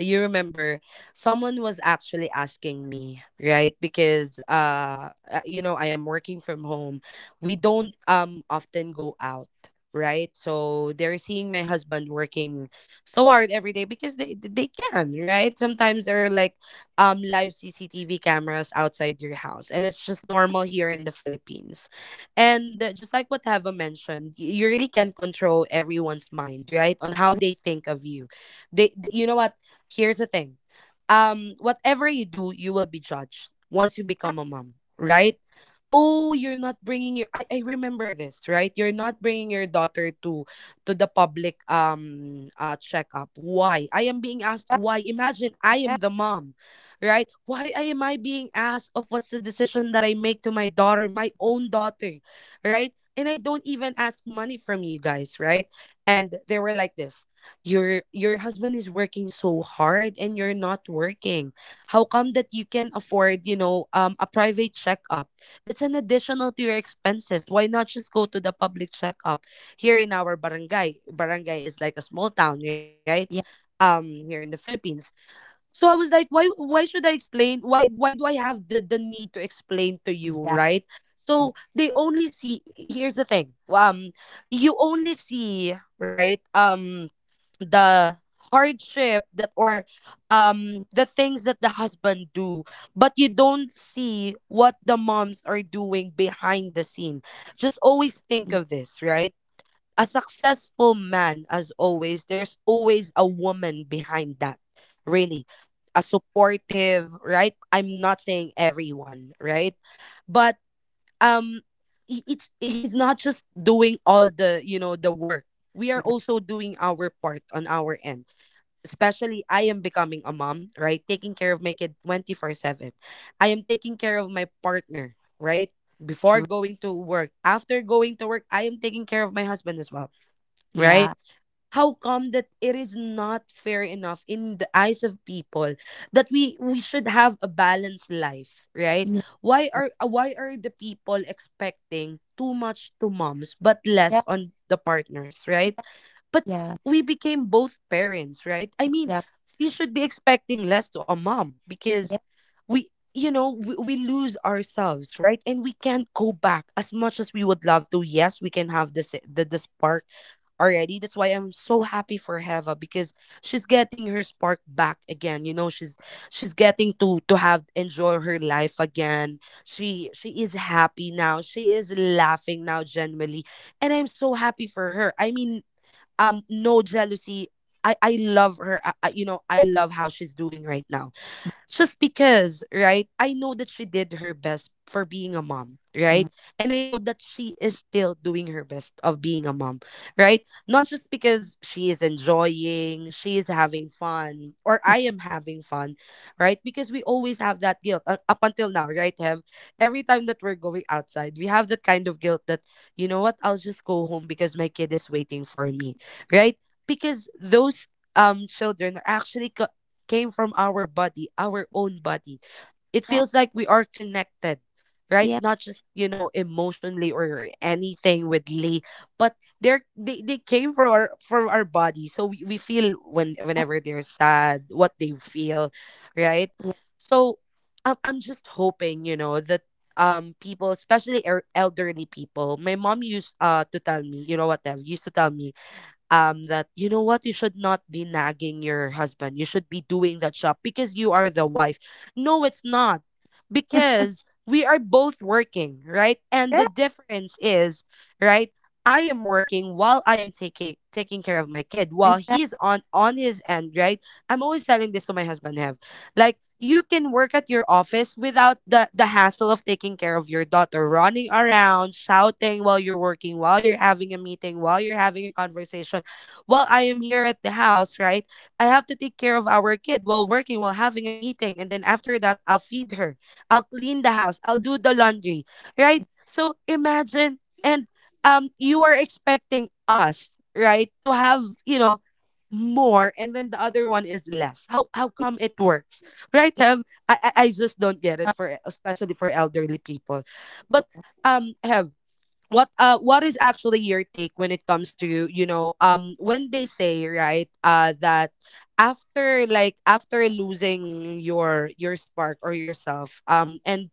[SPEAKER 1] you remember someone was actually asking me, right, because uh uh, you know, I am working from home, we don't um often go out, right, so they're seeing my husband working so hard every day because they they can, right, sometimes there are like um live cctv cameras outside your house, and it's just normal here in the philippines. And uh, just like what Heva mentioned, y- you really can't control everyone's mind right on how they think of you. They th- you know what? Here's the thing. Um, whatever you do, you will be judged once you become a mom, right? Oh, you're not bringing your, I, I remember this, right? You're not bringing your daughter to to the public um uh checkup. Why? I am being asked why. Imagine I
[SPEAKER 2] Yeah,
[SPEAKER 1] am the mom, right? Why am I being asked of what's the decision that I make to my daughter, my own daughter, right? And I don't even ask money from you guys, right? And they were like this, your your husband is working so hard and you're not working. How come that you can afford, you know um a private checkup? That's an additional to your expenses. Why not just go to the public checkup here in our barangay? Barangay is like a small town, right?
[SPEAKER 2] yeah,
[SPEAKER 1] Um here in the Philippines. So I was like, why why should I explain? Why why do I have the the need to explain to you,
[SPEAKER 2] exactly.
[SPEAKER 1] right? So they only see, here's the thing. Um you only see, right, um the hardship that, or um the things that the husband do. But you don't see what the moms are doing behind the scene. Just always think of this, right? A successful man, as always, there's always a woman behind that. Really. A supportive, right? I'm not saying everyone, right? But, um i- it's, he's not just doing all the, you know the work. We
[SPEAKER 2] You
[SPEAKER 1] are
[SPEAKER 2] right.
[SPEAKER 1] also doing our part on our end. Especially, I am becoming a mom, right? Taking care of my kid twenty four seven. I am taking care of my partner, right?
[SPEAKER 2] True.
[SPEAKER 1] Before going to work, after going to work, I am taking care of my husband as well,
[SPEAKER 2] Yeah,
[SPEAKER 1] right? How come that it is not fair enough in the eyes of people that we we should have a balanced life, right?
[SPEAKER 2] yeah,
[SPEAKER 1] Why are uh, why are the people expecting too much to moms but
[SPEAKER 2] yeah.
[SPEAKER 1] less on the partners, right? But
[SPEAKER 2] Yeah,
[SPEAKER 1] we became both parents, right? I
[SPEAKER 2] yeah.
[SPEAKER 1] mean, you should be expecting less to a mom because we, you know, we, we lose ourselves, right? And we can't go back as much as we would love to. Yes, we can have this, the, the spark already. That's why I'm so happy for Heva, because she's getting her spark back again. You know, she's she's getting to to have, enjoy her life again. She she is happy now. She is laughing now, genuinely. And I'm so happy for her. I mean, um no jealousy. I I love her. I, I, you know, I love how she's doing right now, just because, right? I know that she did her best for being a mom,
[SPEAKER 2] Yeah.
[SPEAKER 1] right? And I know that she is still doing her best of being a mom, right? Not just because she is enjoying, she is having fun, or
[SPEAKER 2] Yeah,
[SPEAKER 1] I am having fun, right? Because we always have that guilt, uh, up until now, right? Have, every time that we're going outside, we have that kind of guilt that, you know what, I'll just go home because my kid is waiting for me, right? Because those um children are actually co- came from our body, our own body. It feels like we are connected, right?
[SPEAKER 2] yeah,
[SPEAKER 1] Not just, you know, emotionally or anything with Lee, but they're they, they came from our from our body. So we, we feel when whenever they're sad, what they feel, right? So I'm I'm just hoping, you know, that um people, especially er- elderly people. My mom used uh to tell me, you know what, Dev, used to tell me um that, you know what, you should not be nagging your husband. You should be doing that job because you are the wife. No, it's not, because we are both working, right? And
[SPEAKER 2] yeah,
[SPEAKER 1] the difference is, right, I am working while I am taking taking care of my kid while
[SPEAKER 2] exactly.
[SPEAKER 1] he's on on his end, right? I'm always telling this to my husband, Have, like, you can work at your office without the the hassle of taking care of your daughter running around, shouting while you're working, while you're having a meeting, while you're having a conversation, while I am here at the house, right? I have to take care of our kid while working, while having a meeting. And then after that, I'll feed her. I'll clean the house. I'll do the laundry, right? So imagine, and um, you are expecting us, right, to have, you know, more, and then the other one is less. How how come it works, right, Hem? I, I i just don't get it, for especially for elderly people. But um Hem, what uh what is actually your take when it comes to, you know, um when they say, right, uh that after, like, after losing your your spark or yourself, um and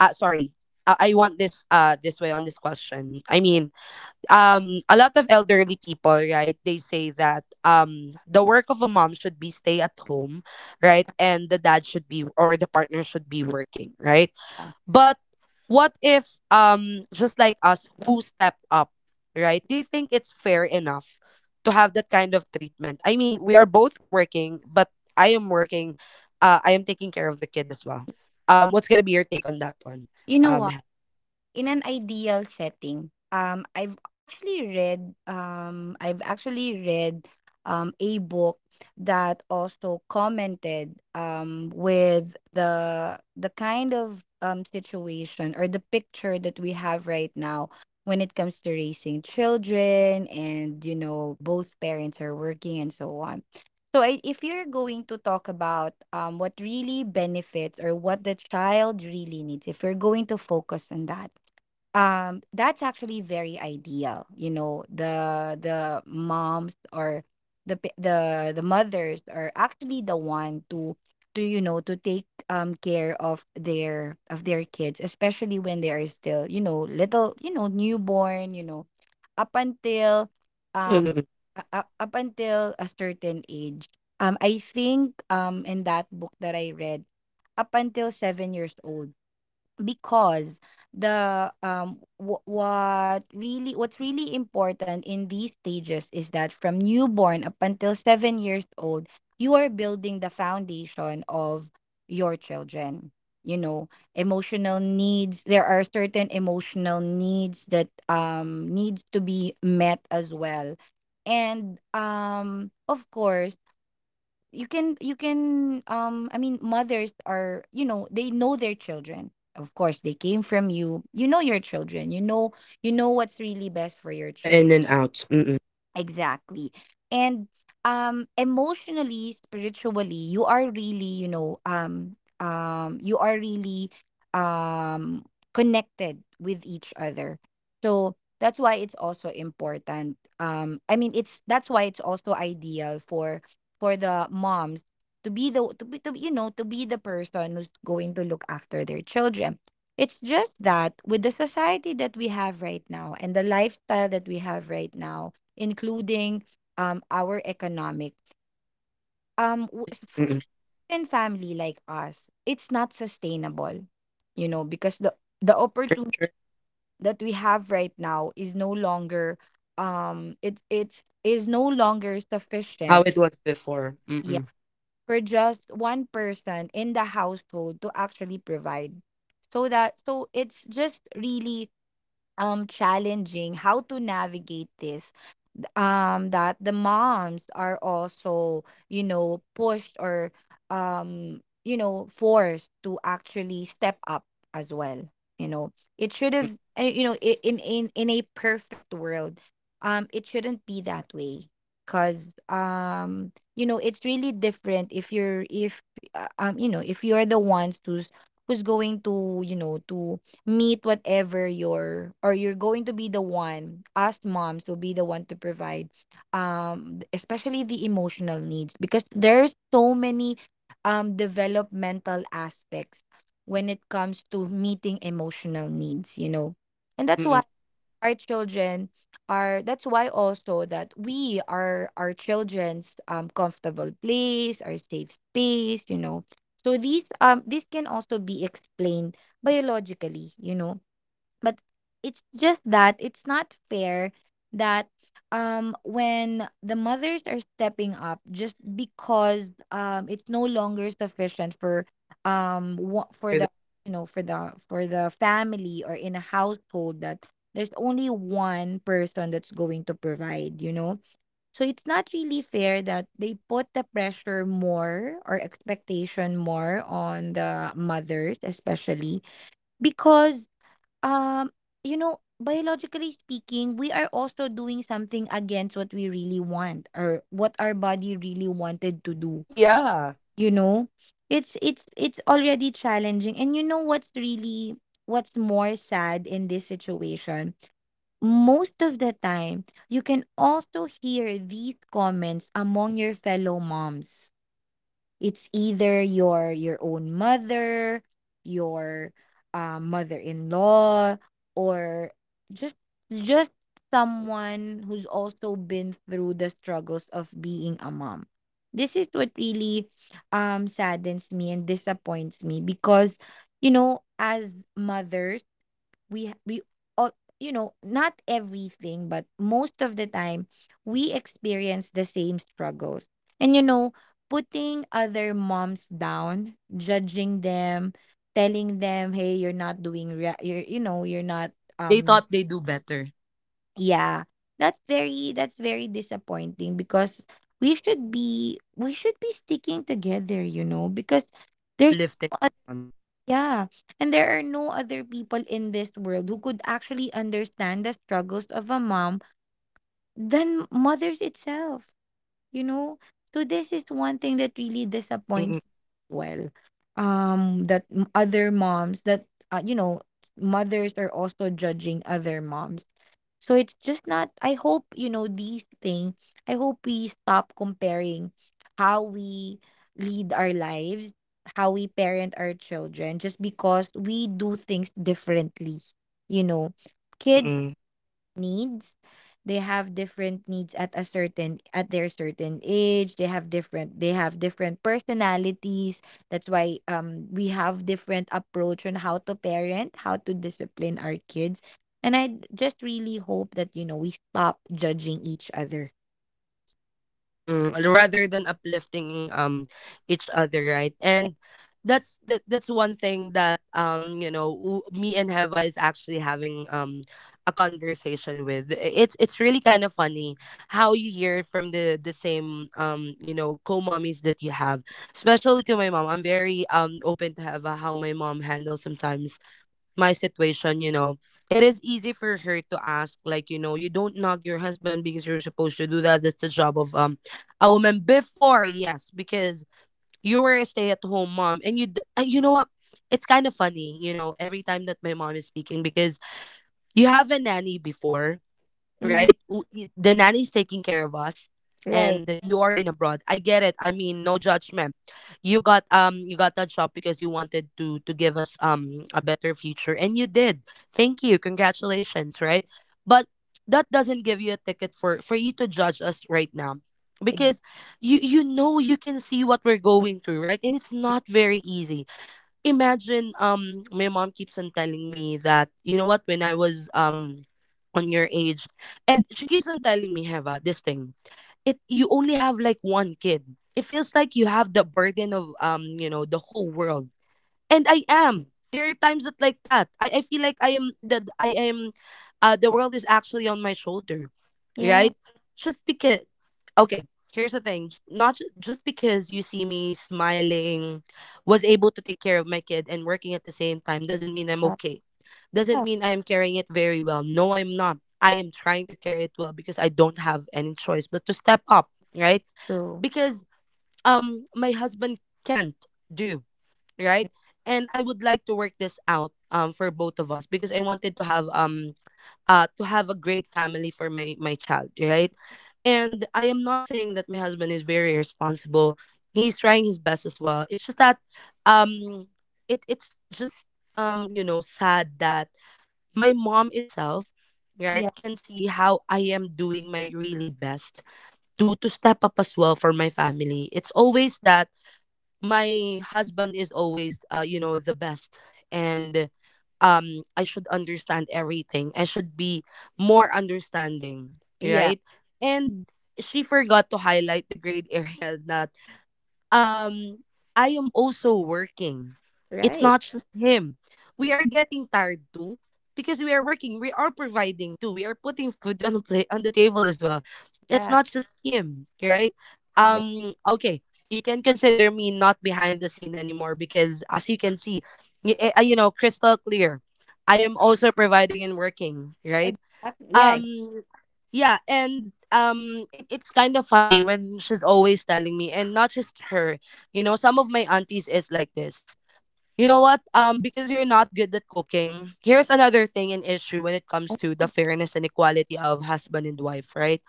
[SPEAKER 1] uh sorry, uh, I want this uh this way on this question. I mean, um a lot of elderly people, right, they say that um the work of a mom should be stay at home, right? And the dad should be, or the partner should be working, right? But what if um just like us who stepped up, right? Do you think it's fair enough to have that kind of treatment? I mean, we are both working, but I am working. Uh, I am taking care of the kid as well. Um, what's gonna be your take on that one?
[SPEAKER 2] You know
[SPEAKER 1] Um,
[SPEAKER 2] what?
[SPEAKER 1] Hel?
[SPEAKER 2] In an ideal setting, um i've actually read um I've actually read um a book that also commented um with the the kind of um situation or the picture that we have right now when it comes to raising children and, you know, both parents are working and so on. So I, if you're going to talk about, um, what really benefits or what the child really needs, if you're going to focus on that, um, that's actually very ideal. You know, the the moms or the pa- the the mothers are actually the one to to you know, to take um care of their of their kids, especially when they are still, you know, little, you know, newborn. You know, up until um
[SPEAKER 1] Mm-mm-mm.
[SPEAKER 2] uh, up up until a certain age. Um, I think um in that book that I read, up until seven years old, because the um w- what really what's really important in these stages is that from newborn up until seven years old, you are building the foundation of your children, you know. Emotional needs, there are certain emotional needs that um needs to be met as well. And um of course you can, you can, um I mean, mothers are, you know, they know their children. Of course, they came from you, you know, your children, you know, you know what's really best for your
[SPEAKER 1] The
[SPEAKER 2] children.
[SPEAKER 1] in and outs. Mm-mm.
[SPEAKER 2] Exactly. And um emotionally, spiritually, you are really, you know, um um you are really um connected with each other. So that's why it's also important. Um, I mean, it's that's why it's also ideal for for the moms to be the to be to be-, you know, to be the person who's going to look after their children. It's just that with the society that we have right now and the lifestyle that we have right now, including um, our economic. Um, w- s-
[SPEAKER 1] Mm-mm.
[SPEAKER 2] f- in family like us, it's not sustainable, you know, because the the
[SPEAKER 1] Sure,
[SPEAKER 2] opportunity
[SPEAKER 1] sure.
[SPEAKER 2] that we have right now is no longer, um it it is no longer
[SPEAKER 1] How
[SPEAKER 2] sufficient,
[SPEAKER 1] it was before.
[SPEAKER 2] yeah,
[SPEAKER 1] Mm-mm.
[SPEAKER 2] for just one person in the household to actually provide, so that so it's just really um challenging how to navigate this, um that the moms are also, you know pushed or, um you know forced to actually step up as well. You know it should
[SPEAKER 1] Mm-mm.
[SPEAKER 2] have, uh, you know i- in in in a perfect world, um it shouldn't be that way. Cuz um you know it's really different if you're, if uh, um you know if you're the ones who's who's going to, you know to meet whatever your, or you're going to be the one, us moms will be the one to provide, um th- especially the emotional needs because there's so many um developmental aspects when it comes to meeting emotional needs. You know and that's
[SPEAKER 1] Mm-mm.
[SPEAKER 2] why our children are, that's why also that we are our children's um comfortable place, our safe space you know so these um this can also be explained biologically, you know but it's just that it's not fair that, um when the mothers are stepping up just because um it's no longer sufficient for, um wha- for
[SPEAKER 1] For the—
[SPEAKER 2] the, you know for the for the family, or in a household that there's only one person that's going to provide you know So it's not really fair that they put the pressure more or expectation more on the mothers, especially, because Um, you know, biologically speaking, we are also doing something against what we really want or what our body really wanted to do.
[SPEAKER 1] Yeah,
[SPEAKER 2] You know, it's it's it's already challenging. And you know, what's really what's more sad in this situation? Most of the time, you can also hear these comments among your fellow moms. It's either your your own mother, your uh, mother-in-law, or just just someone who's also been through the struggles of being a mom. This is what really um saddens me and disappoints me because, you know as mothers, we ha- we all, you know not everything but most of the time, we experience the same struggles. And, you know putting other moms down, judging them, telling them, hey, you're not doing, ra- you're, you know you're not,
[SPEAKER 1] they
[SPEAKER 2] um
[SPEAKER 1] thought they do better.
[SPEAKER 2] yeah. That's very that's very disappointing because we should be we should be sticking together, you know because there's
[SPEAKER 1] Uplifting.
[SPEAKER 2] no, yeah. And there are no other people in this world who could actually understand the struggles of a mom than mothers itself, you know? So this is one thing that really disappoints
[SPEAKER 1] Mm-mm.
[SPEAKER 2] me as well. Um that, m- other moms that, uh, you know, s- mothers are also judging other moms. So it's just not, I hope, you know, these thing, I hope we stop comparing how we lead our lives, how we parent our children just because we do things differently, you know. Kids
[SPEAKER 1] Mm-mm.
[SPEAKER 2] needs, they have different needs at, a certain at their certain age. they have different they have different personalities. That's why um we have different approach on how to parent, how to discipline our kids. And I just really hope that, you know we stop judging each other.
[SPEAKER 1] Mm-mm, rather than uplifting, um each other, right? And that's that that's one thing that, um you know, w- me and Heva is actually having um a conversation with. It's it's really kind of funny how you hear from the the same, um you know, co-mommies that you have. Especially to my mom, I'm very um open to Heva how my mom handles sometimes my situation. You know, it is easy for her to ask, like, you know, you don't knock your husband because you're supposed to do that. That's the job of um a woman before. Yes, because you were a stay-at-home mom, and you d- uh, you know what? It's kind of funny, you know, every time that my mom is speaking, because you have a nanny before,
[SPEAKER 2] Hmm.
[SPEAKER 1] right? W- y- The nanny's taking care of us,
[SPEAKER 2] Right.
[SPEAKER 1] and you are in abroad. I get it. I mean, no judgment. You got um you got that job because you wanted to to give us, um a better future, and you did. Thank you. Congratulations, right? But that doesn't give you a ticket for for you to judge us right now,
[SPEAKER 2] Exactly.
[SPEAKER 1] because you you know, you can see what we're going through, right? And it's not very easy. Imagine, um my mom keeps on telling me that, you know what, when I was, um on your age, and she keeps on telling me, Heva this thing, it, you only have like one kid, it feels like you have the burden of, um you know, the whole world. And I am. There are times that like that. I, I feel like I am, that I am, uh the world is actually on my shoulder.
[SPEAKER 2] Yeah.
[SPEAKER 1] Right? Just because, okay, here's the thing. Not ju- just because you see me smiling, was able to take care of my kid and working at the same time, doesn't mean I'm okay. Doesn't
[SPEAKER 2] Yeah.
[SPEAKER 1] mean I am carrying it very well. No, I'm not. I am trying to carry it well because I don't have any choice but to step up, right?
[SPEAKER 2] True.
[SPEAKER 1] Because um my husband can't do, right? And I would like to work this out um for both of us, because I wanted to have, um uh to have a great family for my my child, right? And I am not saying that my husband is very responsible. He's trying his best as well. It's just that um it it's just um you know, sad that my mom itself, right,
[SPEAKER 2] Yeah.
[SPEAKER 1] can see how I am doing my really best to to step up as well for my family. It's always that my husband is always, uh, you know, the best. And um I should understand everything, I should be more understanding,
[SPEAKER 2] Yeah.
[SPEAKER 1] right? And she forgot to highlight the grade area *laughs* that um I am also working. It's
[SPEAKER 2] Right.
[SPEAKER 1] not just him. We are getting tired too because we are working. We are providing too. We are putting food *laughs* on the plate, on the table as well. It's
[SPEAKER 2] Yeah.
[SPEAKER 1] not just him, right?
[SPEAKER 2] Exactly.
[SPEAKER 1] Um okay, you can consider me not behind the scene anymore because as you can see, y- eh, uh, you know, crystal clear. I am also providing and working, right?
[SPEAKER 2] Exactly. Yeah.
[SPEAKER 1] um yeah, and um it, it's kind of funny when she's always telling me, and not just her, you know, some of my aunties is like this. You know what? Um because you're not good at cooking, here's another thing and issue when it comes to the fairness and equality of husband and wife, right?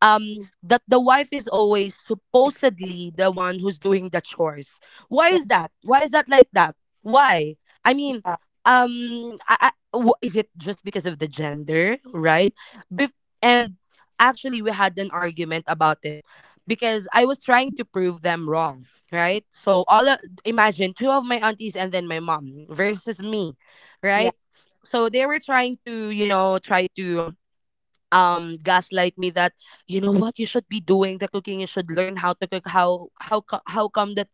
[SPEAKER 1] um That the wife is always
[SPEAKER 2] ex-
[SPEAKER 1] supposedly the one who's doing the chores. Why
[SPEAKER 2] Yeah.
[SPEAKER 1] is that? Why is that like that? Why? I mean,
[SPEAKER 2] Yeah.
[SPEAKER 1] um I, I, wh- is it just because of the gender, right? Bef- and actually, we had an argument about it because I was trying to prove them wrong, right? So all of, imagine two of my aunties and then my mom versus me, right? So they were trying to, you know, try to um gaslight me that, you know what, you should be doing the cooking, you should learn how to cook. How how co- how come that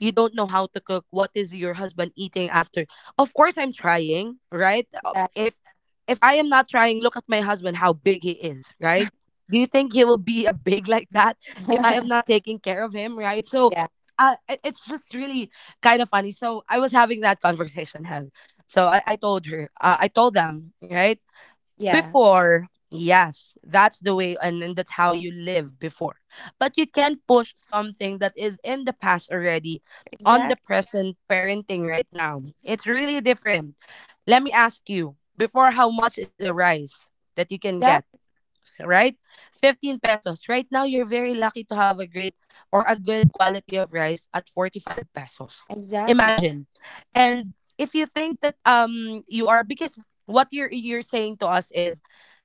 [SPEAKER 1] you don't know how to cook? What is your husband eating after? Of course I'm trying, right? Uh,
[SPEAKER 2] Yeah.
[SPEAKER 1] if if I am not trying, look at my husband, how big he is, right? Do you think he will be a big *laughs* like that if I am not
[SPEAKER 2] *laughs*
[SPEAKER 1] taking care of him, right? So
[SPEAKER 2] Yeah.
[SPEAKER 1] uh, it- it's just really kind of funny. So I was having that conversation *laughs* Hev. So i i told her, uh, I told them, right?
[SPEAKER 2] Yeah.
[SPEAKER 1] Before, yes, that's the way, and, and that's how you live before. But you can push something that is in the past already on the
[SPEAKER 2] Exactly.
[SPEAKER 1] present parenting. Right now it's really different. Let me ask you, before how much is the rice that you can
[SPEAKER 2] That
[SPEAKER 1] get, right? fifteen pesos. Right now, you're very lucky to have a great or a good quality of rice at forty-five pesos.
[SPEAKER 2] exactly.
[SPEAKER 1] Imagine. And if you think that um you are, because what you're you're saying to us is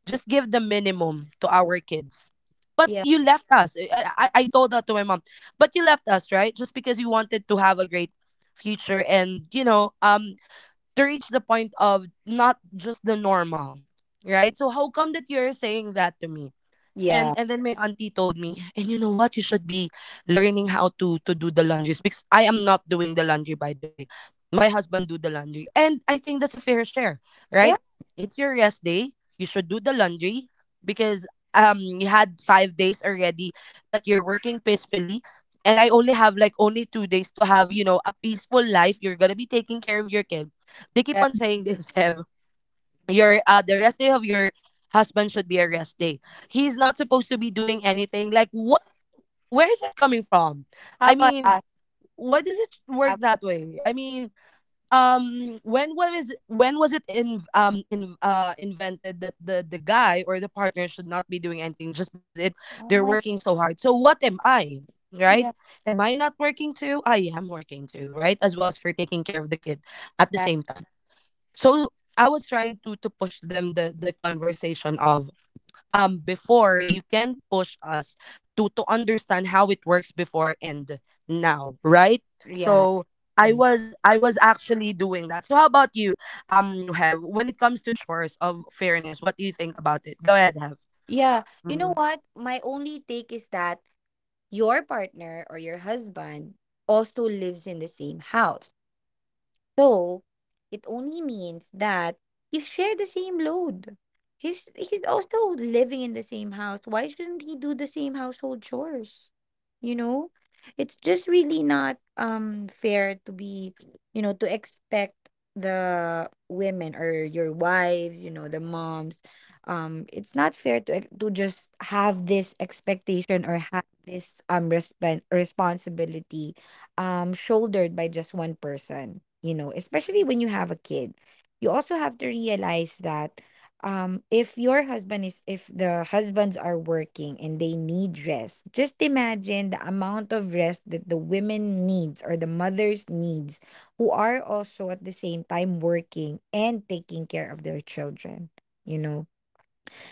[SPEAKER 1] just give the minimum to our kids. But
[SPEAKER 2] Yeah.
[SPEAKER 1] you left us. I, I, I told that to my mom. But you left us, right? Just because you wanted to have a great future and, you know, um to reach the point of not just the normal. Right? So how come that you're saying that to me? And
[SPEAKER 2] Yeah.
[SPEAKER 1] and then my auntie told me, and you know what? You should be learning how to to do the laundries, because I am not doing the laundry, by the way. My husband do the laundry. And I think that's a fair share, right?
[SPEAKER 2] Yeah.
[SPEAKER 1] It's your rest day. You should do the laundry because um you had five days already that you're working peacefully, and I only have like only two days to have, you know, a peaceful life. You're going to be taking care of your kid. They keep
[SPEAKER 2] Right.
[SPEAKER 1] on saying this. *laughs* Your uh the rest day of your husband should be a rest day. He's not supposed to be doing anything. Like what, where is it coming from?
[SPEAKER 2] How
[SPEAKER 1] I
[SPEAKER 2] about
[SPEAKER 1] mean,
[SPEAKER 2] us?
[SPEAKER 1] why does it work
[SPEAKER 2] How-
[SPEAKER 1] that way? I mean, um when was when was it in um in uh invented that the the guy or the partner should not be doing anything, just because it
[SPEAKER 2] Oh
[SPEAKER 1] they're
[SPEAKER 2] my.
[SPEAKER 1] working so hard. So what am I? Right?
[SPEAKER 2] Yeah.
[SPEAKER 1] Am I not working too? I am working too, right? As well as for taking care of the kid at the
[SPEAKER 2] That.
[SPEAKER 1] same time. So I was trying to to push them the the conversation of, um before you can push us to to understand how it works before and now, right?
[SPEAKER 2] Yeah.
[SPEAKER 1] So I
[SPEAKER 2] Wait.
[SPEAKER 1] was I was actually doing that. So how about you? um Have, when it comes to chores of fairness, what do you think about it? Go ahead, Have.
[SPEAKER 2] Yeah. You
[SPEAKER 1] Hmm.
[SPEAKER 2] know what? My only take is that your partner or your husband also lives in the same house. So, it only means that you share the same load. He's he's also living in the same house. Why shouldn't he do the same household chores? You know? It's just really not um fair to be, you know, to expect the women or your wives, you know, the moms. Um, it's not fair to, ex- to just have this expectation or have this, um resp- responsibility, um shouldered by just one person, you know especially when you have a kid. You also have to realize that, um if your husband is if the husbands are working, and they need rest, just imagine the amount of rest that the women needs or the mothers needs, who are also at the same time working and taking care of their children, you know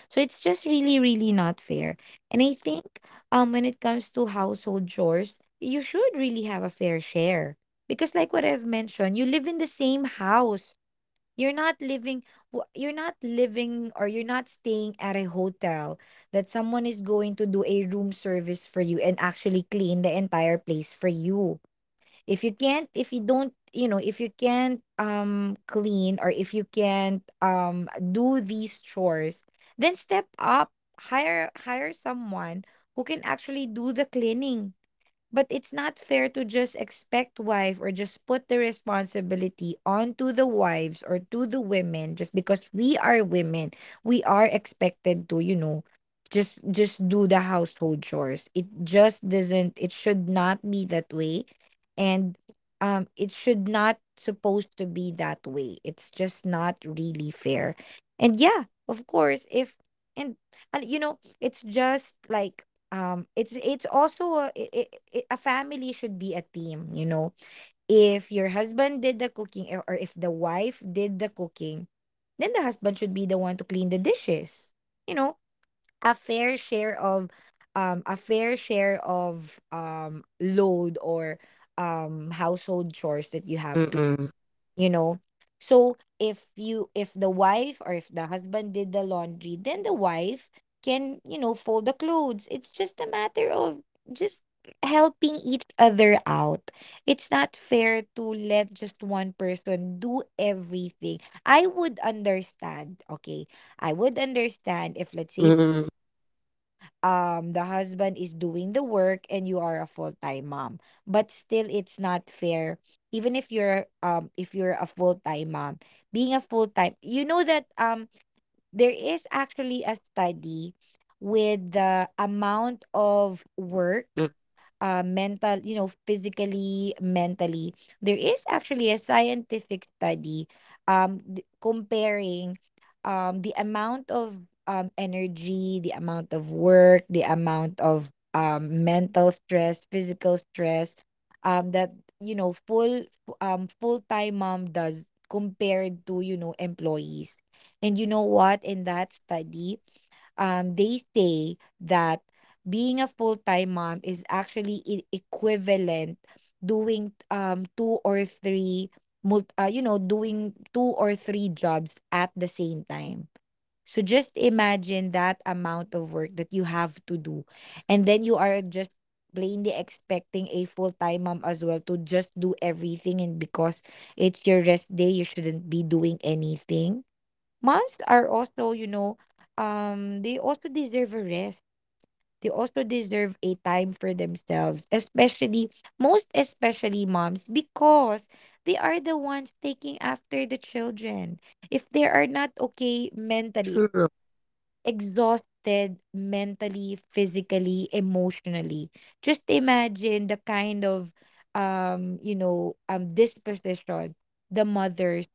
[SPEAKER 2] so it's just really, really not fair. And I think, um when it comes to household chores, you should really have a fair share. Because like what I've mentioned, you live in the same house. You're not living, w- you're not living, or you're not staying at a hotel that someone is going to do a room service for you and actually clean the entire place for you if you can't, if
[SPEAKER 1] True.
[SPEAKER 2] you don't, you know if you can't, um clean, or if you can't, um do these chores. Then step up. Hire hire someone who can actually do the cleaning, but it's not fair to just
[SPEAKER 1] True.
[SPEAKER 2] expect wife or just put the responsibility onto the wives or to the women just because we are women. We are expected to, you know, just just do the household chores. It just doesn't, it should not be that way. And um it should not supposed to be that way. It's just not really fair. And yeah, of course, if, and, and you know, it's just like, um it's it's also a, i- i- i- a family should be a team. You know if your husband did the cooking, or or if the wife did the cooking, then the husband should be the one to clean the dishes, you know, a fair share of, um a fair share of um load, or um household chores that you have
[SPEAKER 1] Mm-mm.
[SPEAKER 2] you know so if you, if the wife or if the husband did the laundry, then the wife can, you know fold the clothes. It's just a matter of just helping each other out. It's not fair to let just one person do everything. I would understand. Okay, I would understand if let's say,
[SPEAKER 1] Mm-mm.
[SPEAKER 2] um, the husband is doing the work and you are a full-time mom. But still it's not fair, even if you're um if you're a full-time mom. Being a full-time, you know that um there is actually a study with the amount of work,
[SPEAKER 1] Mm-mm.
[SPEAKER 2] uh, mental, you know, physically, mentally. There is actually a scientific study, um, d- comparing, um, the amount of, um, energy, the amount of work, the amount of, um, mental stress, physical stress, um, that, you know full um, full-time mom does compared to, you know employees. And you know what?
[SPEAKER 1] Agree.
[SPEAKER 2] In that study, um, they say that being a full-time mom is actually, e- equivalent, doing um two or three, mult- uh, you know doing two or three jobs at the same time. So just imagine that amount of work that you have to do, and then you are just plainly expecting a full-time mom as well to just do everything, and because it's your rest day, you shouldn't be doing anything. Moms are also, you know um they also deserve a rest. They also deserve a time for themselves, especially, most especially moms, because they are the ones taking after the children. If they are not okay mentally,
[SPEAKER 1] True.
[SPEAKER 2] exhausted mentally, physically, emotionally, just imagine the kind of, um you know um disposition the mothers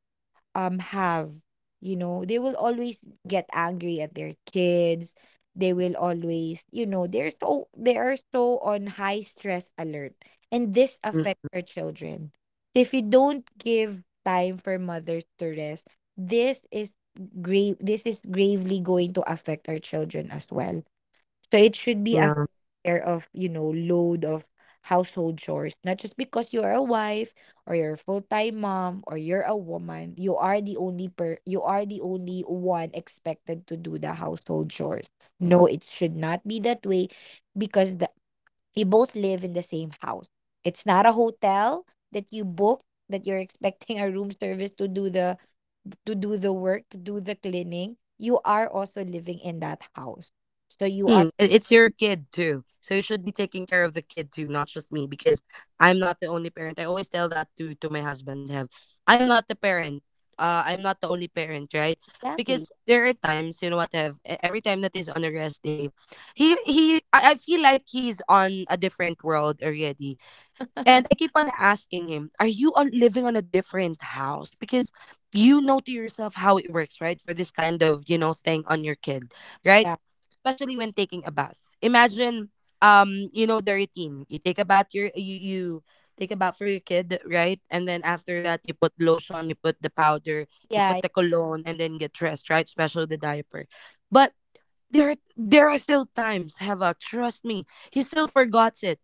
[SPEAKER 2] um have. You know they will always get angry at their kids. They will always, you know they're so they are so on high stress alert, and this
[SPEAKER 1] Mm.
[SPEAKER 2] affects our children. So if you don't give time for mothers to rest, this is grave this is gravely going to affect our children as well. So it should be a
[SPEAKER 1] Yeah.
[SPEAKER 2] fair of, you know, load of household chores. Not just because you are a wife, or you're a full-time mom, or you're a woman, you are the only per you are the only one expected to do the household chores. No, it should not be that way, because the, you both live in the same house. It's not a hotel
[SPEAKER 1] Yeah.
[SPEAKER 2] that you book, that you're expecting a room service to do the, to do the work, to do the cleaning. You are also living in that house. So you are.
[SPEAKER 1] Mm, it- it's your kid too. So you should be taking care of the kid too, not just me, because I'm not the only parent. I always tell that to to my husband, have, I am not the parent. Uh, I'm not the only parent, right?
[SPEAKER 2] Exactly.
[SPEAKER 1] Because there are times, you know what, have, e- every time that he's on a rest day, he he I, I feel like he's on a different world already. And I keep on asking him, are you on living on a different house? Because you know to yourself how it works, right? For this kind of, you know, thing on your kid, right?
[SPEAKER 2] Yeah,
[SPEAKER 1] Especially when taking a bath. Imagine um, you know, the routine. You take a bath, your you, you take a bath for your kid, right? And then after that, you put lotion, you put the powder, you
[SPEAKER 2] yeah,
[SPEAKER 1] put the cologne, and then get dressed, right? Especially the diaper. But there there are still times, Heva, trust me, he still forgets it.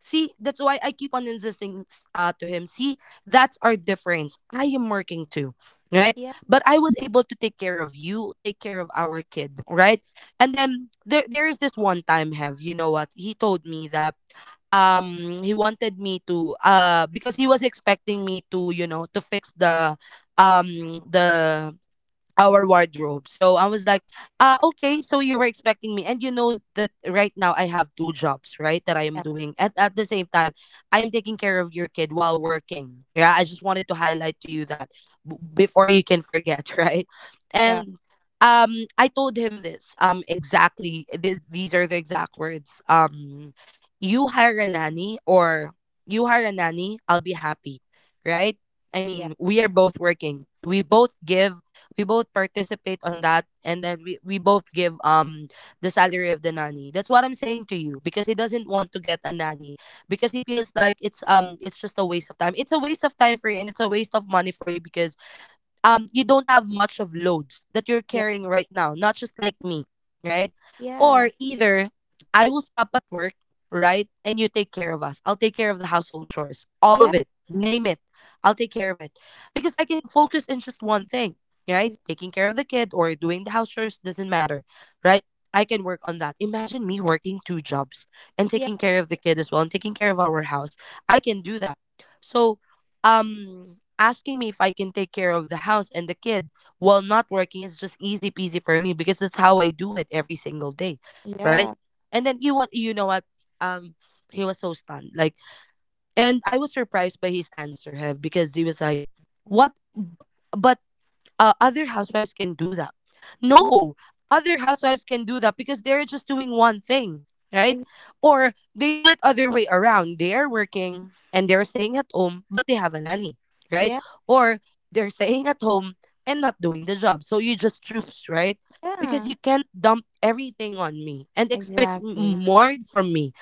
[SPEAKER 1] See, that's why I keep on insisting, s- uh, to him. See, that's our difference. I am working too, right?
[SPEAKER 2] yeah,
[SPEAKER 1] But I was able to take care of you, take care of our kid, right? And then there, there is this one time, have, you know what? He told me that um he wanted me to uh because he was expecting me to, you know, to fix the um the our wardrobe. So I was like, uh, okay, so you were expecting me. And you know that right now I have two jobs, right? That I
[SPEAKER 2] yeah,
[SPEAKER 1] am doing. At, at the same time, I am taking care of your kid while working. Yeah, I just wanted to highlight to you that b- before you can forget, *laughs* right?
[SPEAKER 2] yeah,
[SPEAKER 1] And um, I told him this, um, exactly. Th- these are the exact words. Um, you hire a nanny, or you hire a nanny, I'll be happy, right? I
[SPEAKER 2] yeah,
[SPEAKER 1] mean, we are both working. We both give, we both participate on that, and then we, we both give um the salary of the nanny. That's what I'm saying to you, because he doesn't want to get a nanny because he feels like it's um it's just a waste of time, it's a waste of time for you, and it's a waste of money for you, because um you don't have much of loads that you're
[SPEAKER 2] yeah,
[SPEAKER 1] carrying right now, not just like me, right?
[SPEAKER 2] yeah,
[SPEAKER 1] Or either I will stop at work, right, and you take care of us, I'll take care of the household chores, all
[SPEAKER 2] yeah,
[SPEAKER 1] of it, name it, I'll take care of it, because I can focus in just one thing, right?
[SPEAKER 2] z-
[SPEAKER 1] Taking care of the kid or doing the house chores, doesn't matter, right? I can work on that. Imagine me working two jobs and
[SPEAKER 2] yeah,
[SPEAKER 1] taking care of the kid as well and taking care of our house. I can do that. So um asking me if I can take care of the house and the kid while not working is just easy peasy for me, because that's how I do it every single day, right?
[SPEAKER 2] yeah,
[SPEAKER 1] And then you, what, you know what, um he was so stunned, like, and I was surprised by his answer, have, because he was like, what, B- but uh, other housewives can do that.
[SPEAKER 2] wo-
[SPEAKER 1] No, other housewives can do that because they're just doing one thing, right?
[SPEAKER 2] exactly,
[SPEAKER 1] Or they do it other way around. They're working and they're staying at home, but they have a nanny, right?
[SPEAKER 2] yeah,
[SPEAKER 1] Or they're staying at home and not doing the job. So you just choose, right? Because
[SPEAKER 2] yeah,
[SPEAKER 1] you can't dump everything on me and expect m-
[SPEAKER 2] exactly,
[SPEAKER 1] more from me,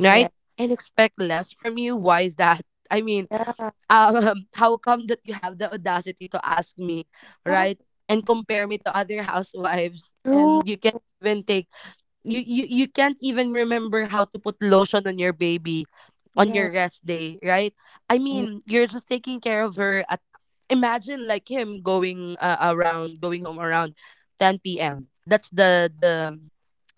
[SPEAKER 1] right?
[SPEAKER 2] right,
[SPEAKER 1] And expect less from you. Why is that? I mean,
[SPEAKER 2] yeah,
[SPEAKER 1] um, *laughs* how come that you have the audacity to ask me,
[SPEAKER 2] yeah,
[SPEAKER 1] right? And compare me to other housewives,
[SPEAKER 2] true,
[SPEAKER 1] and you can't even take, you you you can't even remember how to put lotion on your baby on your
[SPEAKER 2] right,
[SPEAKER 1] rest day, right? I mean, you're just taking care of her. At, imagine like him going uh, around, going home around ten p m. That's the the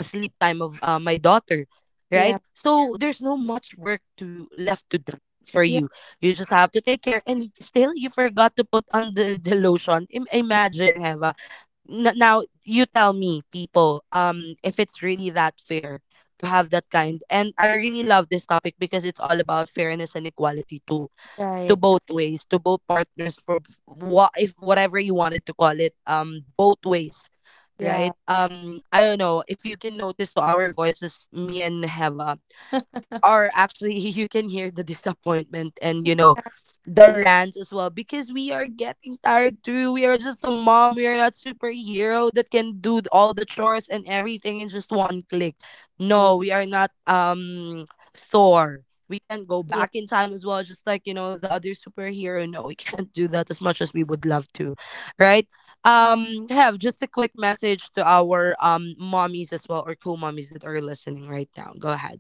[SPEAKER 1] sleep time of uh, my daughter, right?
[SPEAKER 2] yeah,
[SPEAKER 1] So there's no much work to left to do for
[SPEAKER 2] yeah,
[SPEAKER 1] you. You just have to take care, and still you forgot to put on the, the lotion. Im-
[SPEAKER 2] yeah,
[SPEAKER 1] imagine, Heva. N- now you tell me, people, um if it's really that fair to have that kind. And I really love this topic because it's all about fairness and equality too, to
[SPEAKER 2] right,
[SPEAKER 1] both ways, to both partners, for what, if whatever you wanted to call it, um both ways, right?
[SPEAKER 2] yeah,
[SPEAKER 1] um I don't know if you can notice to our voices, me and Heva, we are actually *laughs* you can hear the disappointment and, you know, the
[SPEAKER 2] yeah,
[SPEAKER 1] rants as well, because we are getting tired too. We are just a mom. We are not superhero that can do all the chores and everything in just one click.
[SPEAKER 2] true,
[SPEAKER 1] No, we are not, um Thor. We can't go
[SPEAKER 2] yeah.
[SPEAKER 1] back in time as well, just like, you know, the other superhero. No, we *laughs* can't do that, as much as we would love to, right? um Have, just a quick message to our um mommies as well, or cool mommies that are listening right now. Go ahead.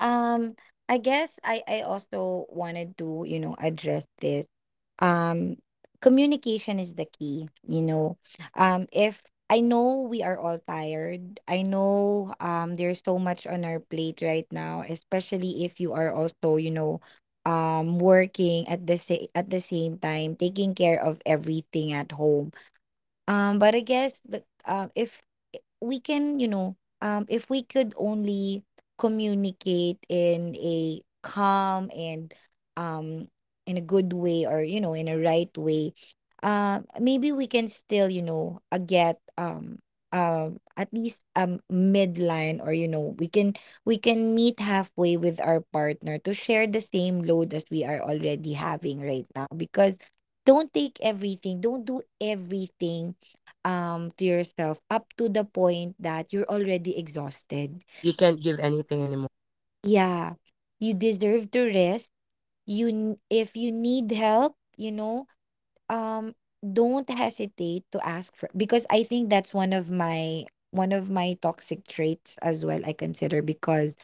[SPEAKER 2] Um, I guess I I also wanted to, you know, address this. Um, Communication is the key, you know. Um, if I know we are all tired, I know, um there's so much on our plate right now, especially if you are also, you know, um working at, the sa- at the same time, taking care of everything at home, um, but I guess the, uh, if I- we can, you know, um, if we could only communicate in a calm and, um in a good way, or, you know in a right way, uh, maybe we can still, you know, uh, get, um uh, at least, um midline, or, you know we can we can meet halfway with our partner to share the same load as we are already having right now, because don't take everything, don't do everything, um, to yourself, up to the point that you're already exhausted.
[SPEAKER 1] You can't give anything anymore.
[SPEAKER 2] Yeah, you deserve to rest. You n- if you need help, you know, um, don't hesitate to ask for, because I think that's, one of my one of my toxic traits as well. I consider, because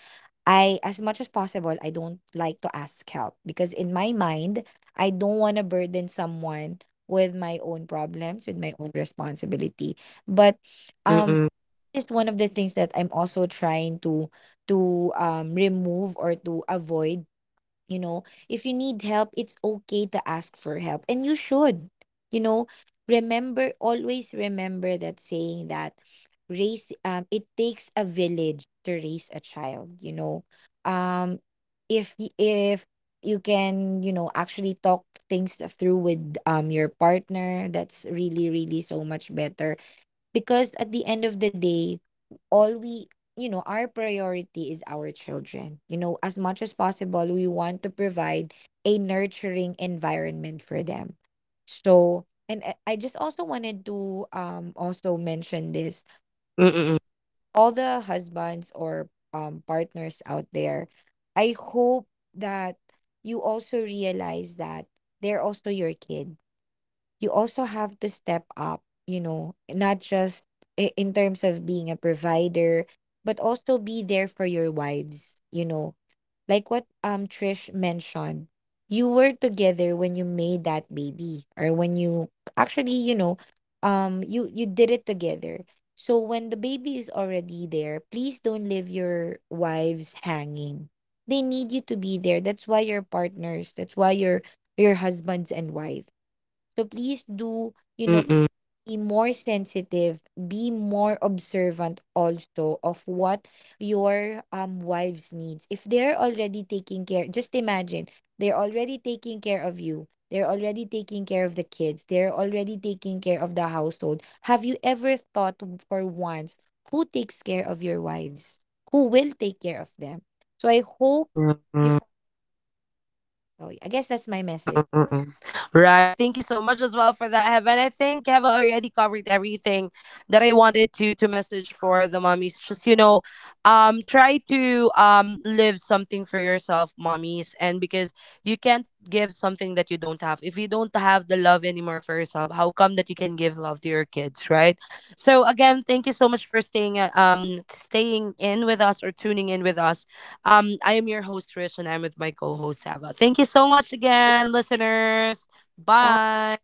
[SPEAKER 2] I, as much as possible, I don't like to ask help, because in my mind I don't want to burden someone with my own problems, with my own responsibility. But um
[SPEAKER 1] Mm-mm.
[SPEAKER 2] is one of the things that I'm also trying to, to um remove, or to avoid. You know, if you need help, it's okay to ask for help, and you should. You know, remember, always remember that saying that, raise um it takes a village to raise a child. You know,
[SPEAKER 1] True.
[SPEAKER 2] um if y- if you can, you know actually talk things through with, um your partner, that's really, really so much better, because at the end of the day, all we, you know, our priority is our children. You know, as much as possible, we want to provide a nurturing environment for them. So, and I I just also wanted to um also mention this.
[SPEAKER 1] Mm-mm.
[SPEAKER 2] All the husbands, or um partners out there, I hope that you also realize that they're also your kids. You also have to step up, you know, not just, i- in terms of being a provider, but also be there for your wives, you know. Like what um Trish mentioned, you were together when you made that baby, or when you actually, you know, um you you did it together. So when the baby is already there, please don't leave your wives hanging. They need you to be there. That's why you're partners. That's why you're your husbands and wives. So please do, you know,
[SPEAKER 1] Mm-mm.
[SPEAKER 2] be more sensitive, be more observant also of what your um wives needs. If they're already taking care, just imagine they're already taking care of you. They're already taking care of the kids. They're already taking care of the household. Have you ever thought, for once, who takes care of your wives? Who will take care of them? So I hope you.
[SPEAKER 1] Mm-mm.
[SPEAKER 2] Oh, I guess that's my message.
[SPEAKER 1] Mm-mm, mm-mm. Right. Thank you so much as well for that, Heaven. I think I've already covered everything that I wanted to to message for the mommies. Just, you know, um, try to um live something for yourself, mommies, and because you can't give something that you don't have. If you don't have the love anymore for yourself, how come that you can give love to your kids, right? So again, thank you so much for staying, uh, um staying in with us or tuning in with us. Um, I am your host, Rich, and I'm with my co host, Sava. Thank you so much again, listeners.
[SPEAKER 2] Bye.
[SPEAKER 1] Bye.